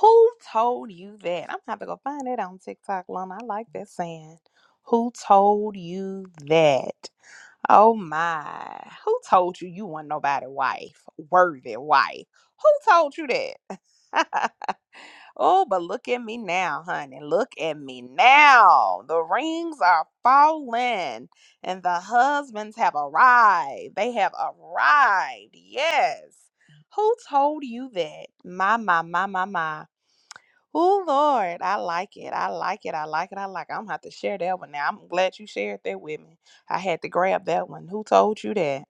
Speaker 1: Who told you that? I'm gonna have to go find that on TikTok, Alana. I like that saying. Who told you that? Oh my. Who told you you weren't nobody wife? Worthy wife. Who told you that? Oh, but look at me now, honey. Look at me now. The rings are falling and the husbands have arrived. They have arrived. Yes. Who told you that? My, my, my, my, my. Oh, Lord. I like it. I like it. I like it. I like it. I'm going to have to share that one now. I'm glad you shared that with me. I had to grab that one. Who told you that?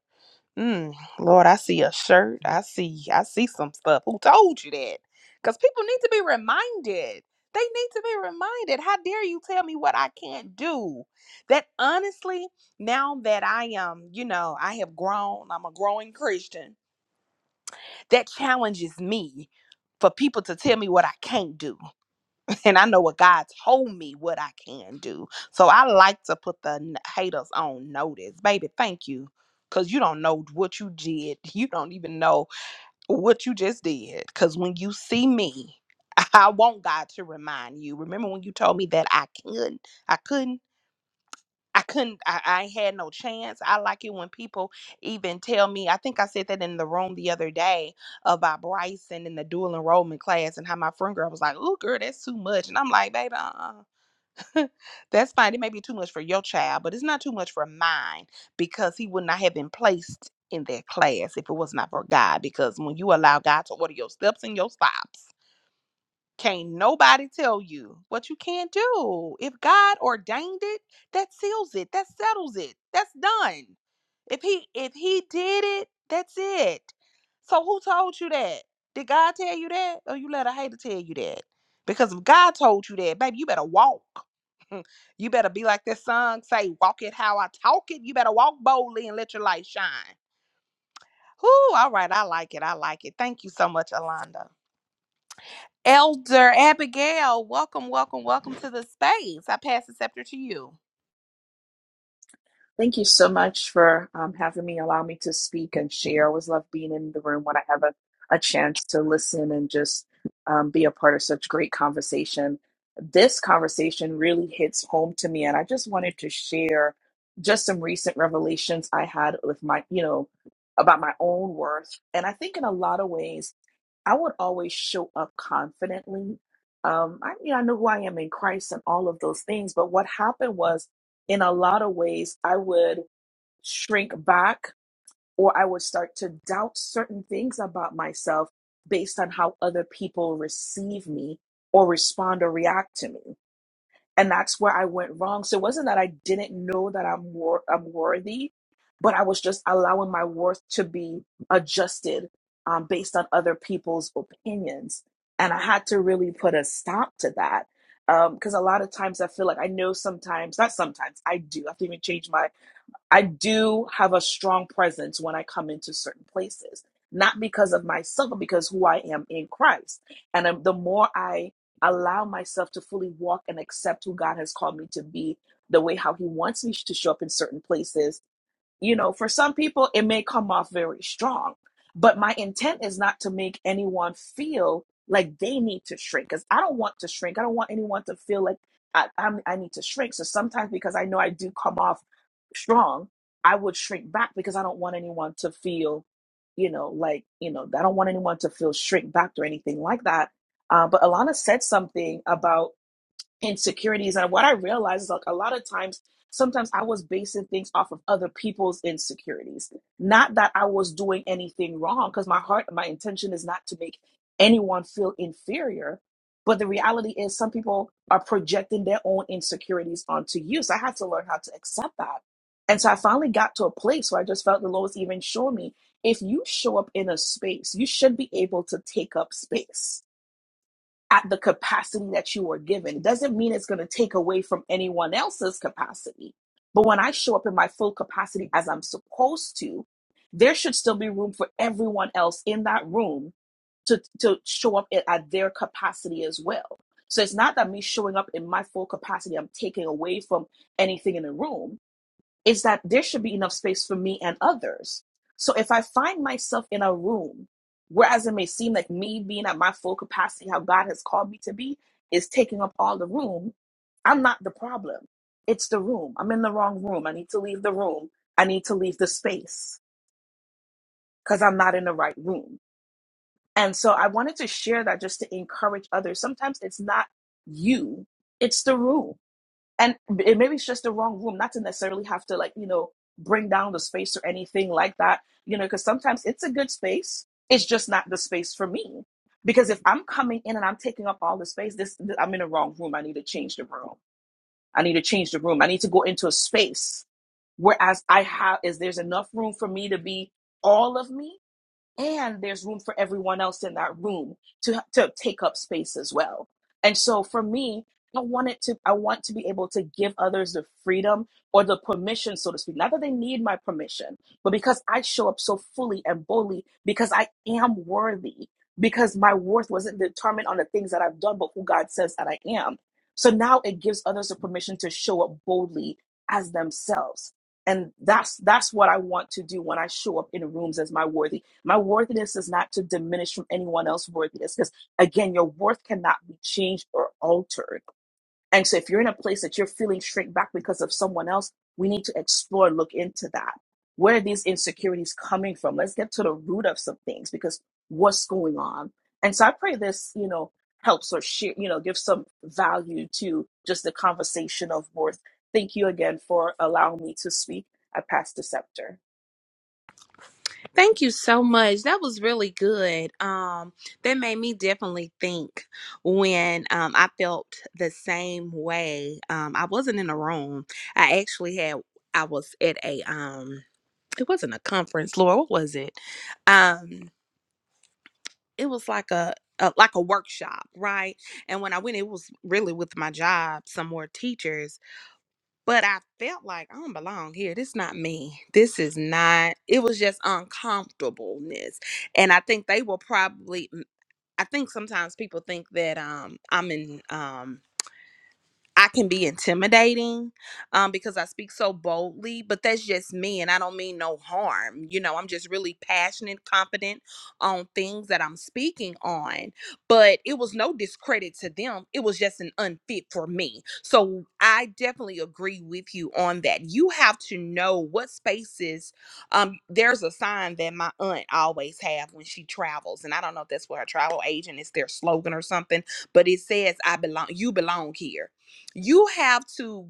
Speaker 1: Mm, Lord, I see a shirt. I see, I see some stuff. Who told you that? Because people need to be reminded. They need to be reminded. How dare you tell me what I can't do? That honestly, now that I am, you know, I have grown, I'm a growing Christian, that challenges me for people to tell me what I can't do and I know what God told me what I can do. So I like to put the n- haters on notice. Baby, thank you. Cause you don't know what you did. You don't even know what you just did. Cause when you see me, I want God to remind you. Remember when you told me that I couldn't? I couldn't. I couldn't, I, I had no chance. I like it when people even tell me, I think I said that in the room the other day about Bryson and the dual enrollment class and how my friend girl was like, oh, girl, that's too much. And I'm like, baby, uh-uh. that's fine. It may be too much for your child, but it's not too much for mine because he would not have been placed in that class if it was not for God. Because when you allow God to order your steps and your stops, can't nobody tell you what you can't do. If God ordained it, that seals it. That settles it. That's done. If he if he did it, that's it. So who told you that? Did God tell you that? Or you let a hater tell you that? Because if God told you that, baby, you better walk. you better be like this song say, walk it how I talk it. You better walk boldly and let your light shine. Whoo, all right. I like it. I like it. Thank you so much, Alonda. Elder Abigail, welcome, welcome, welcome to the space. I pass the scepter to you.
Speaker 4: Thank you so much for um, having me, allow me to speak and share. I always love being in the room when I have a, a chance to listen and just um, be a part of such great conversation. This conversation really hits home to me, and I just wanted to share just some recent revelations I had with my, you know, about my own worth. And I think in a lot of ways, I would always show up confidently. Um, I mean, I know who I am in Christ and all of those things, but what happened was, in a lot of ways, I would shrink back or I would start to doubt certain things about myself based on how other people receive me or respond or react to me and that's where I went wrong. So it wasn't that I didn't know that I'm wor- I'm worthy, but I was just allowing my worth to be adjusted um, based on other people's opinions, and I had to really put a stop to that because a lot of times I feel like I know sometimes, not sometimes, I do. I have to even change my I do have a strong presence when I come into certain places, not because of myself, but because who I am in Christ. And um, the more I allow myself to fully walk and accept who God has called me to be, the way how He wants me to show up in certain places, you know, for some people, it may come off very strong, but my intent is not to make anyone feel like they need to shrink because I don't want to shrink. I don't want anyone to feel like I, I'm, I need to shrink. So sometimes, because I know I do come off strong, I would shrink back because I don't want anyone to feel, you know, like, you know, I don't want anyone to feel shrink back or anything like that. Uh, but Alana said something about insecurities. And what I realized is like a lot of times, sometimes I was basing things off of other people's insecurities. Not that I was doing anything wrong, because my heart, my intention is not to make anyone feel inferior. But the reality is, some people are projecting their own insecurities onto you. So I had to learn how to accept that. And so I finally got to a place where I just felt the Lord was even showing me if you show up in a space, you should be able to take up space at the capacity that you are given. It doesn't mean it's going to take away from anyone else's capacity. But when I show up in my full capacity as I'm supposed to, there should still be room for everyone else in that room to, to show up at at their capacity as well. So it's not that me showing up in my full capacity, I'm taking away from anything in the room is that there should be enough space for me and others. So if I find myself in a room, whereas it may seem like me being at my full capacity, how God has called me to be, is taking up all the room, I'm not the problem. It's the room. I'm in the wrong room. I need to leave the room. I need to leave the space because I'm not in the right room. And so I wanted to share that just to encourage others. Sometimes it's not you, it's the room and it, maybe it's just the wrong room not to necessarily have to like you know bring down the space or anything like that you know because sometimes it's a good space it's just not the space for me because if i'm coming in and i'm taking up all the space this, th- i'm in the wrong room i need to change the room i need to change the room i need to go into a space whereas i have is there's enough room for me to be all of me and there's room for everyone else in that room to to take up space as well and so for me i want it to i want to be able to give others the freedom or the permission so to speak not that they need my permission but because i show up so fully and boldly because i am worthy because my worth wasn't determined on the things that i've done but who god says that i am so now it gives others the permission to show up boldly as themselves and that's that's what i want to do when i show up in rooms as my worthy my worthiness is not to diminish from anyone else's worthiness because, again, your worth cannot be changed or altered. And so, if you're in a place that you're feeling shrink back because of someone else, we need to explore, look into that. Where are these insecurities coming from? Let's get to the root of some things because what's going on? And so, I pray this, you know, helps or share, you know, gives some value to just the conversation of worth. Thank you again for allowing me to speak. I pass the scepter.
Speaker 1: Thank you so much. That was really good. Um, that made me definitely think when um, I felt the same way. Um, I wasn't in a room. I actually had. I was at a. Um, it wasn't a conference, Laura. What was it? Um, it was like a, a like a workshop, right? And when I went, it was really with my job, some more teachers but I felt like I don't belong here. This not me. This is not. It was just uncomfortableness, and I think they will probably. mm, I think sometimes people think that um I'm in um I can be intimidating um, because I speak so boldly, but that's just me, and I don't mean no harm. You know, I'm just really passionate, confident on things that I'm speaking on. But it was no discredit to them, it was just an unfit for me. So I definitely agree with you on that. You have to know what spaces. Um, there's a sign that my aunt always have when she travels, and I don't know if that's what her travel agent is their slogan or something, but it says, I belong, you belong here you have to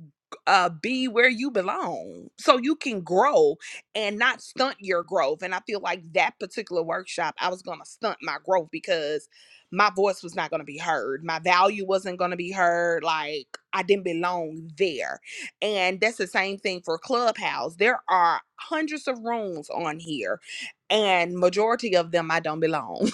Speaker 1: uh be where you belong so you can grow and not stunt your growth and i feel like that particular workshop i was going to stunt my growth because my voice was not going to be heard my value wasn't going to be heard like i didn't belong there and that's the same thing for clubhouse there are hundreds of rooms on here and majority of them i don't belong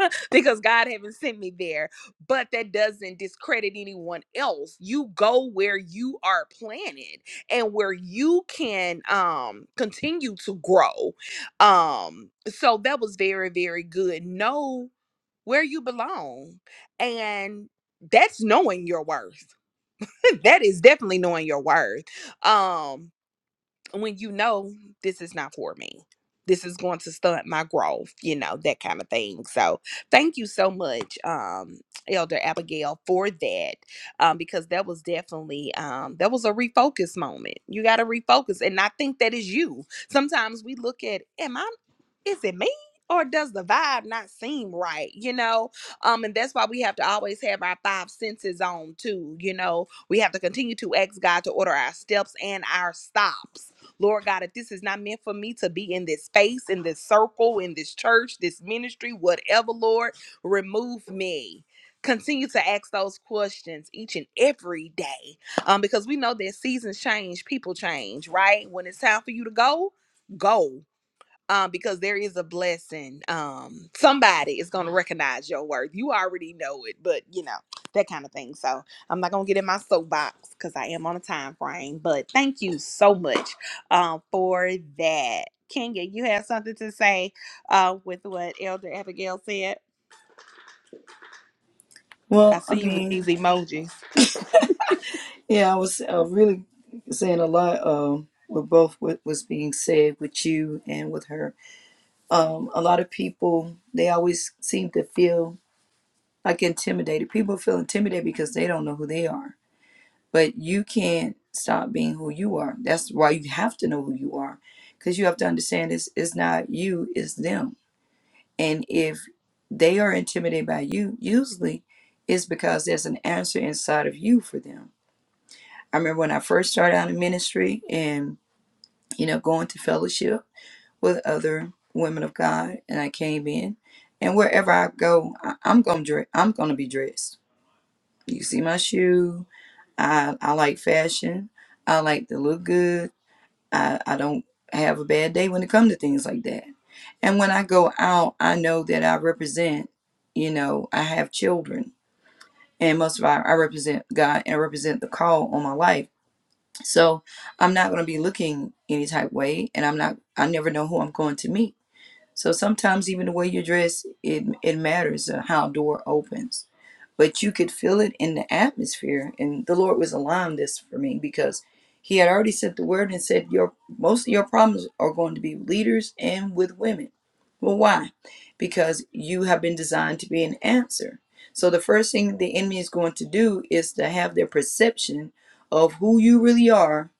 Speaker 1: because God haven't sent me there. But that doesn't discredit anyone else. You go where you are planted and where you can um continue to grow. Um so that was very very good. Know where you belong and that's knowing your worth. that is definitely knowing your worth. Um when you know this is not for me. This is going to stunt my growth, you know, that kind of thing. So thank you so much, um, Elder Abigail, for that. Um, because that was definitely um that was a refocus moment. You gotta refocus. And I think that is you. Sometimes we look at, am I is it me or does the vibe not seem right you know um and that's why we have to always have our five senses on too you know we have to continue to ask god to order our steps and our stops lord god if this is not meant for me to be in this space in this circle in this church this ministry whatever lord remove me continue to ask those questions each and every day um because we know that seasons change people change right when it's time for you to go go um, because there is a blessing. Um, somebody is going to recognize your worth. You already know it, but you know that kind of thing. So I'm not going to get in my soapbox because I am on a time frame. But thank you so much um, for that, Kenya. You have something to say uh, with what Elder Abigail said. I
Speaker 2: Well, I
Speaker 1: see you with
Speaker 2: mean,
Speaker 1: these emojis.
Speaker 2: Yeah, I was uh, really saying a lot um, with both what was being said with you and with her. Um, a lot of people, they always seem to feel like intimidated. People feel intimidated because they don't know who they are. But you can't stop being who you are. That's why you have to know who you are because you have to understand it's, it's not you, it's them. And if they are intimidated by you, usually it's because there's an answer inside of you for them I remember when I first started out in ministry and, you know, going to fellowship with other women of God and I came in and wherever I go, I, I'm gonna dress I'm gonna be dressed. You see my shoe. I I like fashion. I like to look good. I, I don't have a bad day when it comes to things like that. And when I go out, I know that I represent, you know, I have children. And most of all, I represent God and represent the call on my life So I'm not going to be looking any type way, and I'm not. I never know who I'm going to meet. So sometimes even the way you dress, it it matters uh, how a door opens. But you could feel it in the atmosphere, and the Lord was allowing this for me because He had already said the word and said your most of your problems are going to be with leaders and with women. Well, why? Because you have been designed to be an answer. So the first thing the enemy is going to do is to have their perception of who you really are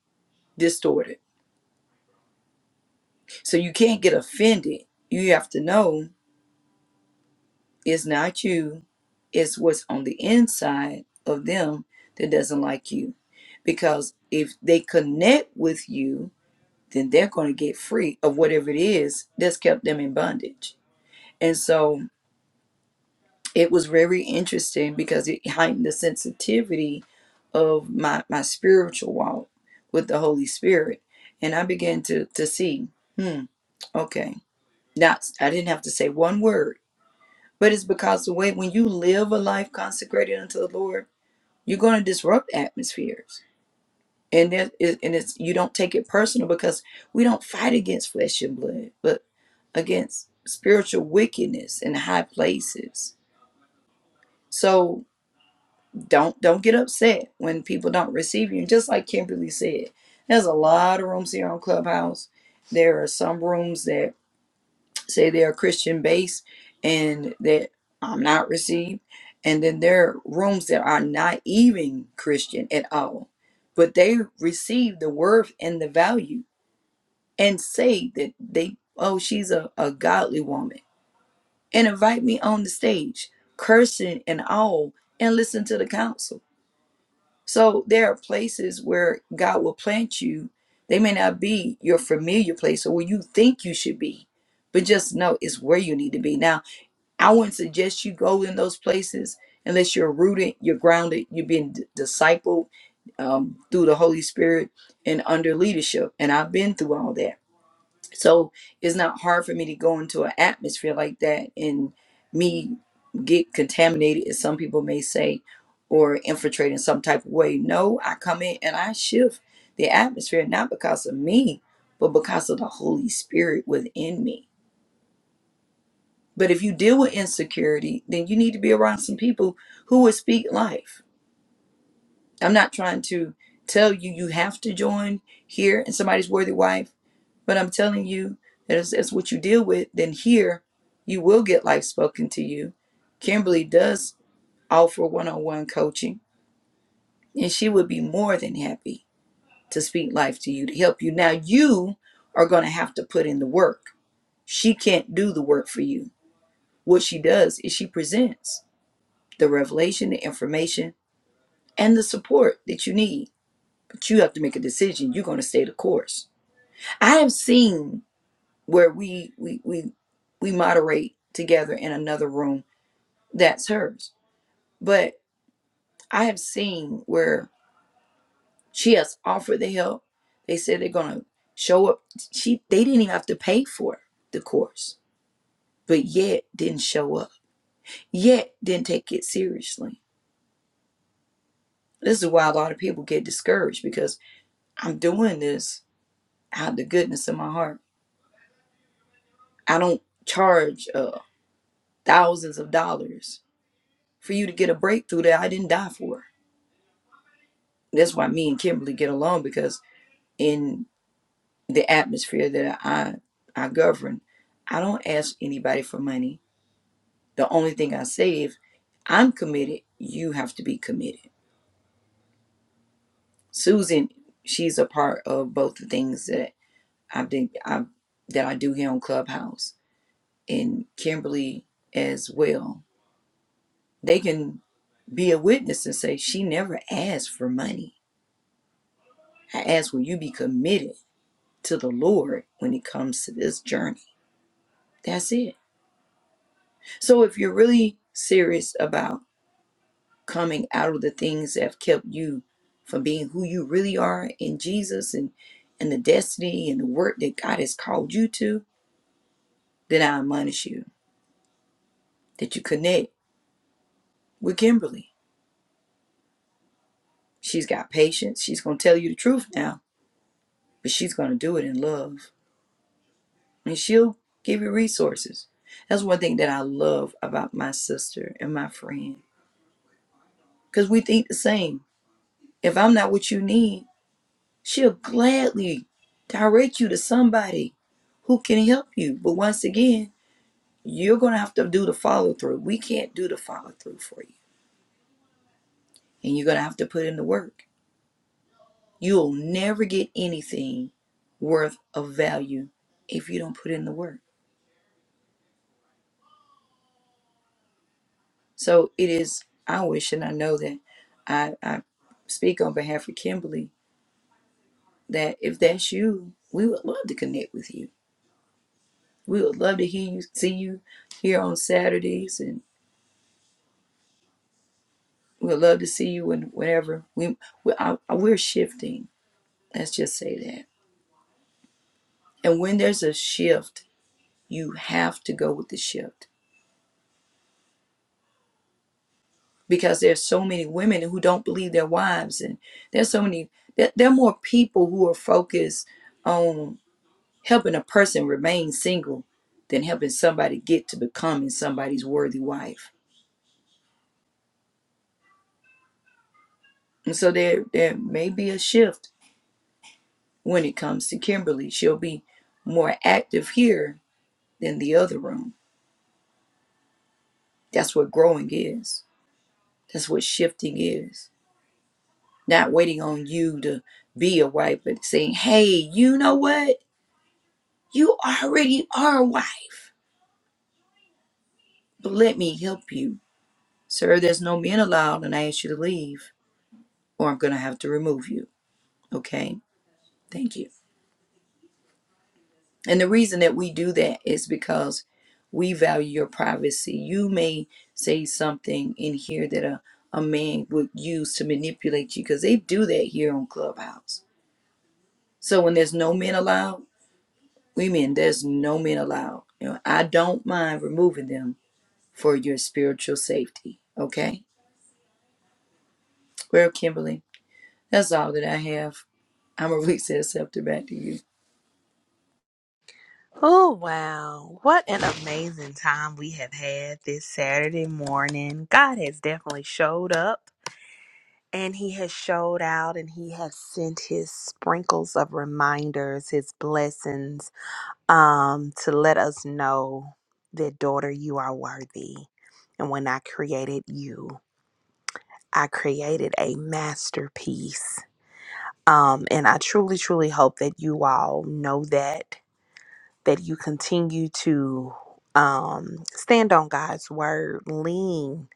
Speaker 2: distorted. So you can't get offended. You have to know It's not you, it's what's on the inside of them that doesn't like you. Because if they connect with you, then they're going to get free of whatever it is that's kept them in bondage. And so it was very interesting because it heightened the sensitivity of my, my spiritual walk with the Holy Spirit. And I began to, to see, hmm, okay. Not, I didn't have to say one word But it's because the way when you live a life consecrated unto the Lord, you're going to disrupt atmospheres. And that is, and it's you don't take it personal because we don't fight against flesh and blood, but against spiritual wickedness in high places. So don't don't get upset when people don't receive you. And just like Kimberly said, there's a lot of rooms here on Clubhouse. There are some rooms that say they are Christian based and that I'm not received. And then there are rooms that are not even Christian at all, but they receive the worth and the value and say that they, oh, she's a, a godly woman and invite me on the stage, cursing and all, and listen to the counsel. So there are places where God will plant you. They may not be your familiar place or where you think you should be, but just know it's where you need to be. Now, I wouldn't suggest you go in those places unless you're rooted, you're grounded, you've been d- discipled um, through the Holy Spirit and under leadership. And I've been through all that. So it's not hard for me to go into an atmosphere like that and me get contaminated, as some people may say, or infiltrate in some type of way. No, I come in and I shift the atmosphere, not because of me, but because of the Holy Spirit within me. But if you deal with insecurity, then you need to be around some people who will speak life. I'm not trying to tell you you have to join here in somebody's worthy wife, but I'm telling you that as, as what you deal with, then here you will get life spoken to you. Kimberly does offer one on one coaching, and she would be more than happy to speak life to you to help you. Now, you are going to have to put in the work. She can't do the work for you. What she does is she presents. the revelation, the information, and the support that you need. But you have to make a decision. You're going to stay the course. I have seen where we we we we moderate together in another room that's hers. But I have seen where she has offered the help. They said they're going to show up. She they didn't even have to pay for the course, but yet didn't show up. Yet didn't take it seriously. This is why a lot of people get discouraged because I'm doing this out of the goodness of my heart. I don't charge uh, thousands of dollars for you to get a breakthrough that I didn't die for. That's why me and Kimberly get along because in the atmosphere that I I govern, I don't ask anybody for money. The only thing I say if I'm committed, you have to be committed. Susan, she's a part of both the things that I've been I that I do here on Clubhouse and Kimberly as well They can be a witness and say, She never asked for money. I ask, Will you be committed to the Lord when it comes to this journey? That's it. So if you're really serious about coming out of the things that have kept you from being who you really are in Jesus and, and the destiny and the work that God has called you to, then I admonish you that you connect with Kimberly. She's got patience. She's going to tell you the truth now, but she's going to do it in love. and she'll give you resources. That's one thing that I love about my sister and my friend because we think the same. If I'm not what you need, she'll gladly direct you to somebody who can help you. But once again, you're going to have to do the follow through. We can't do the follow through for you, and you're going to have to put in the work. You'll never get anything worth of value if you don't put in the work. So it is I wish and I know that I, I speak on behalf of Kimberly that if that's you, we would love to connect with you. We would love to hear you see you here on Saturdays and we would love to see you when whenever we, we I, we're shifting. Let's just say that. And when there's a shift, you have to go with the shift because there's so many women who don't believe their wives and there's so many there, there are more people who are focused on. Helping a person remain single than helping somebody get to becoming somebody's worthy wife. And so there there may be a shift when it comes to Kimberly. She'll be more active here than the other room. That's what growing is. That's what shifting is. Not waiting on you to be a wife, but saying, hey, you know what? You already are a wife. But let me help you. Sir, there's no men allowed, and I ask you to leave, or I'm going to have to remove you. Okay? Thank you. And the reason that we do that is because we value your privacy. You may say something in here that a, a man would use to manipulate you because they do that here on Clubhouse. So when there's no men allowed, we mean there's no men allowed. You know, I don't mind removing them for your spiritual safety. Okay? Well, Kimberly, that's all that I have. I'm gonna release that scepter back to you.
Speaker 1: Oh, wow. What an amazing time we have had this Saturday morning. God has definitely showed up. And he has showed out and he has sent his sprinkles of reminders, his blessings, um, to let us know that, daughter, you are worthy. And when I created you, I created a masterpiece. Um, and I truly, truly hope that you all know that, that you continue to um, stand on God's word, lean,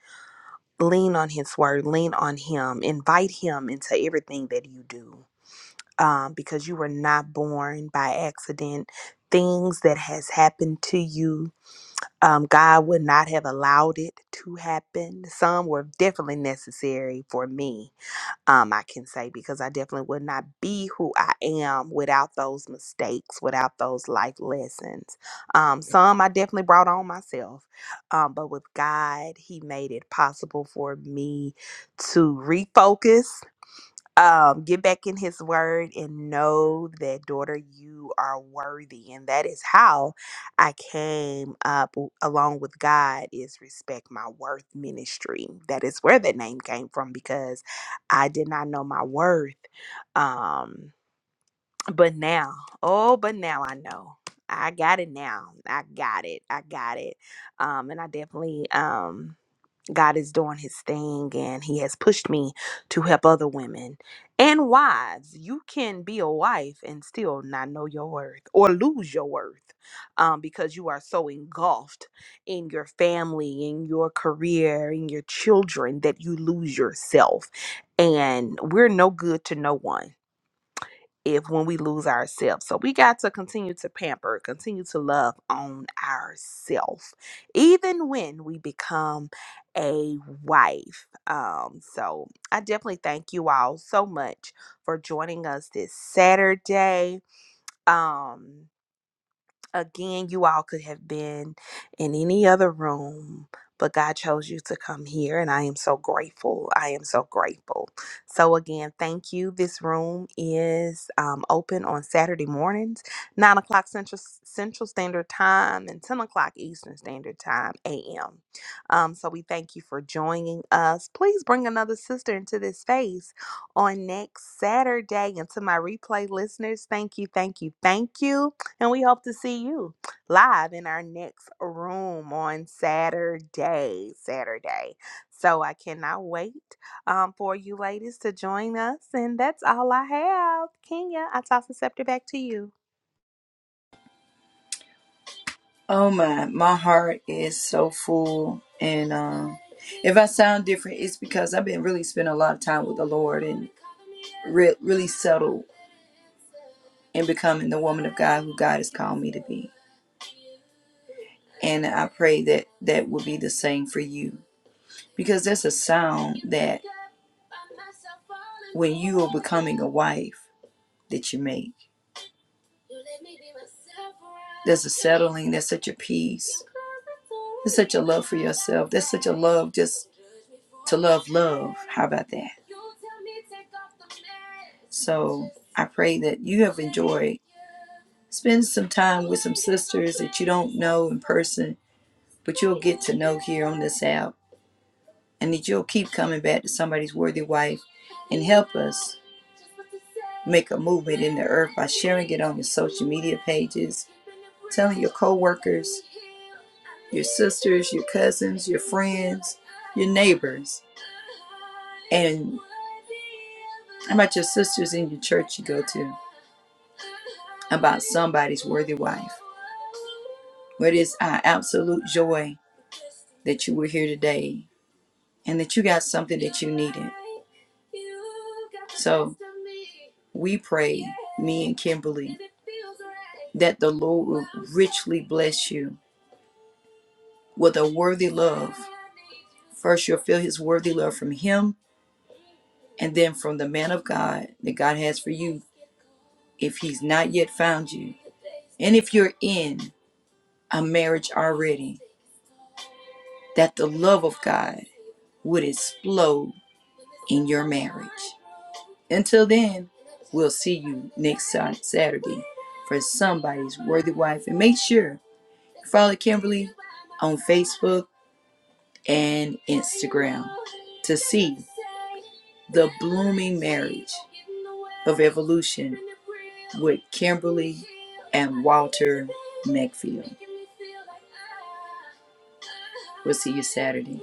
Speaker 1: lean on his word, lean on him, invite him into everything that you do um, because you were not born by accident. Things that has happened to you, um, God would not have allowed it to happen. Some were definitely necessary for me. Um, I can say because I definitely would not be who I am without those mistakes, without those life lessons. Um, some I definitely brought on myself, um, but with God, He made it possible for me to refocus um, get back in his word and know that daughter you are worthy and that is how i came up w- along with god is respect my worth ministry that is where that name came from because i did not know my worth um but now oh but now i know i got it now i got it i got it um and i definitely um God is doing his thing and he has pushed me to help other women and wives. You can be a wife and still not know your worth or lose your worth um, because you are so engulfed in your family, in your career, in your children that you lose yourself. And we're no good to no one if when we lose ourselves. So we got to continue to pamper, continue to love on ourselves, even when we become a wife. Um, so I definitely thank you all so much for joining us this Saturday. Um, Again, you all could have been in any other room, but God chose you to come here, and I am so grateful. I am so grateful. So, again, thank you. This room is um, open on Saturday mornings, 9 o'clock Central, Central Standard Time and 10 o'clock Eastern Standard Time, AM. Um, so, we thank you for joining us. Please bring another sister into this space on next Saturday. And to my replay listeners, thank you, thank you, thank you. And we hope to see you live in our next room on Saturday. Saturday. So I cannot wait um, for you ladies to join us. And that's all I have. Kenya, I toss the scepter back to you.
Speaker 2: Oh my, my heart is so full, and um, if I sound different, it's because I've been really spending a lot of time with the Lord and re- really settled in becoming the woman of God who God has called me to be. And I pray that that will be the same for you, because that's a sound that when you are becoming a wife that you make. There's a settling, there's such a peace, there's such a love for yourself, there's such a love just to love love. How about that? So I pray that you have enjoyed. Spend some time with some sisters that you don't know in person, but you'll get to know here on this app and that you'll keep coming back to somebody's worthy wife and help us make a movement in the earth by sharing it on your social media pages, telling your coworkers, your sisters, your cousins, your friends, your neighbors, and about your sisters in your church you go to, about somebody's worthy wife. But it's our absolute joy that you were here today and that you got something that you needed. So we pray, me and Kimberly, that the Lord will richly bless you with a worthy love. First, you'll feel his worthy love from him, and then from the man of God that God has for you if he's not yet found you. And if you're in a marriage already, that the love of God would explode in your marriage. Until then, we'll see you next si-, Saturday for somebody's worthy wife. And make sure you follow Kimberly on Facebook and Instagram to see the blooming marriage of evolution with Kimberly and Walter McField. We'll see you Saturday.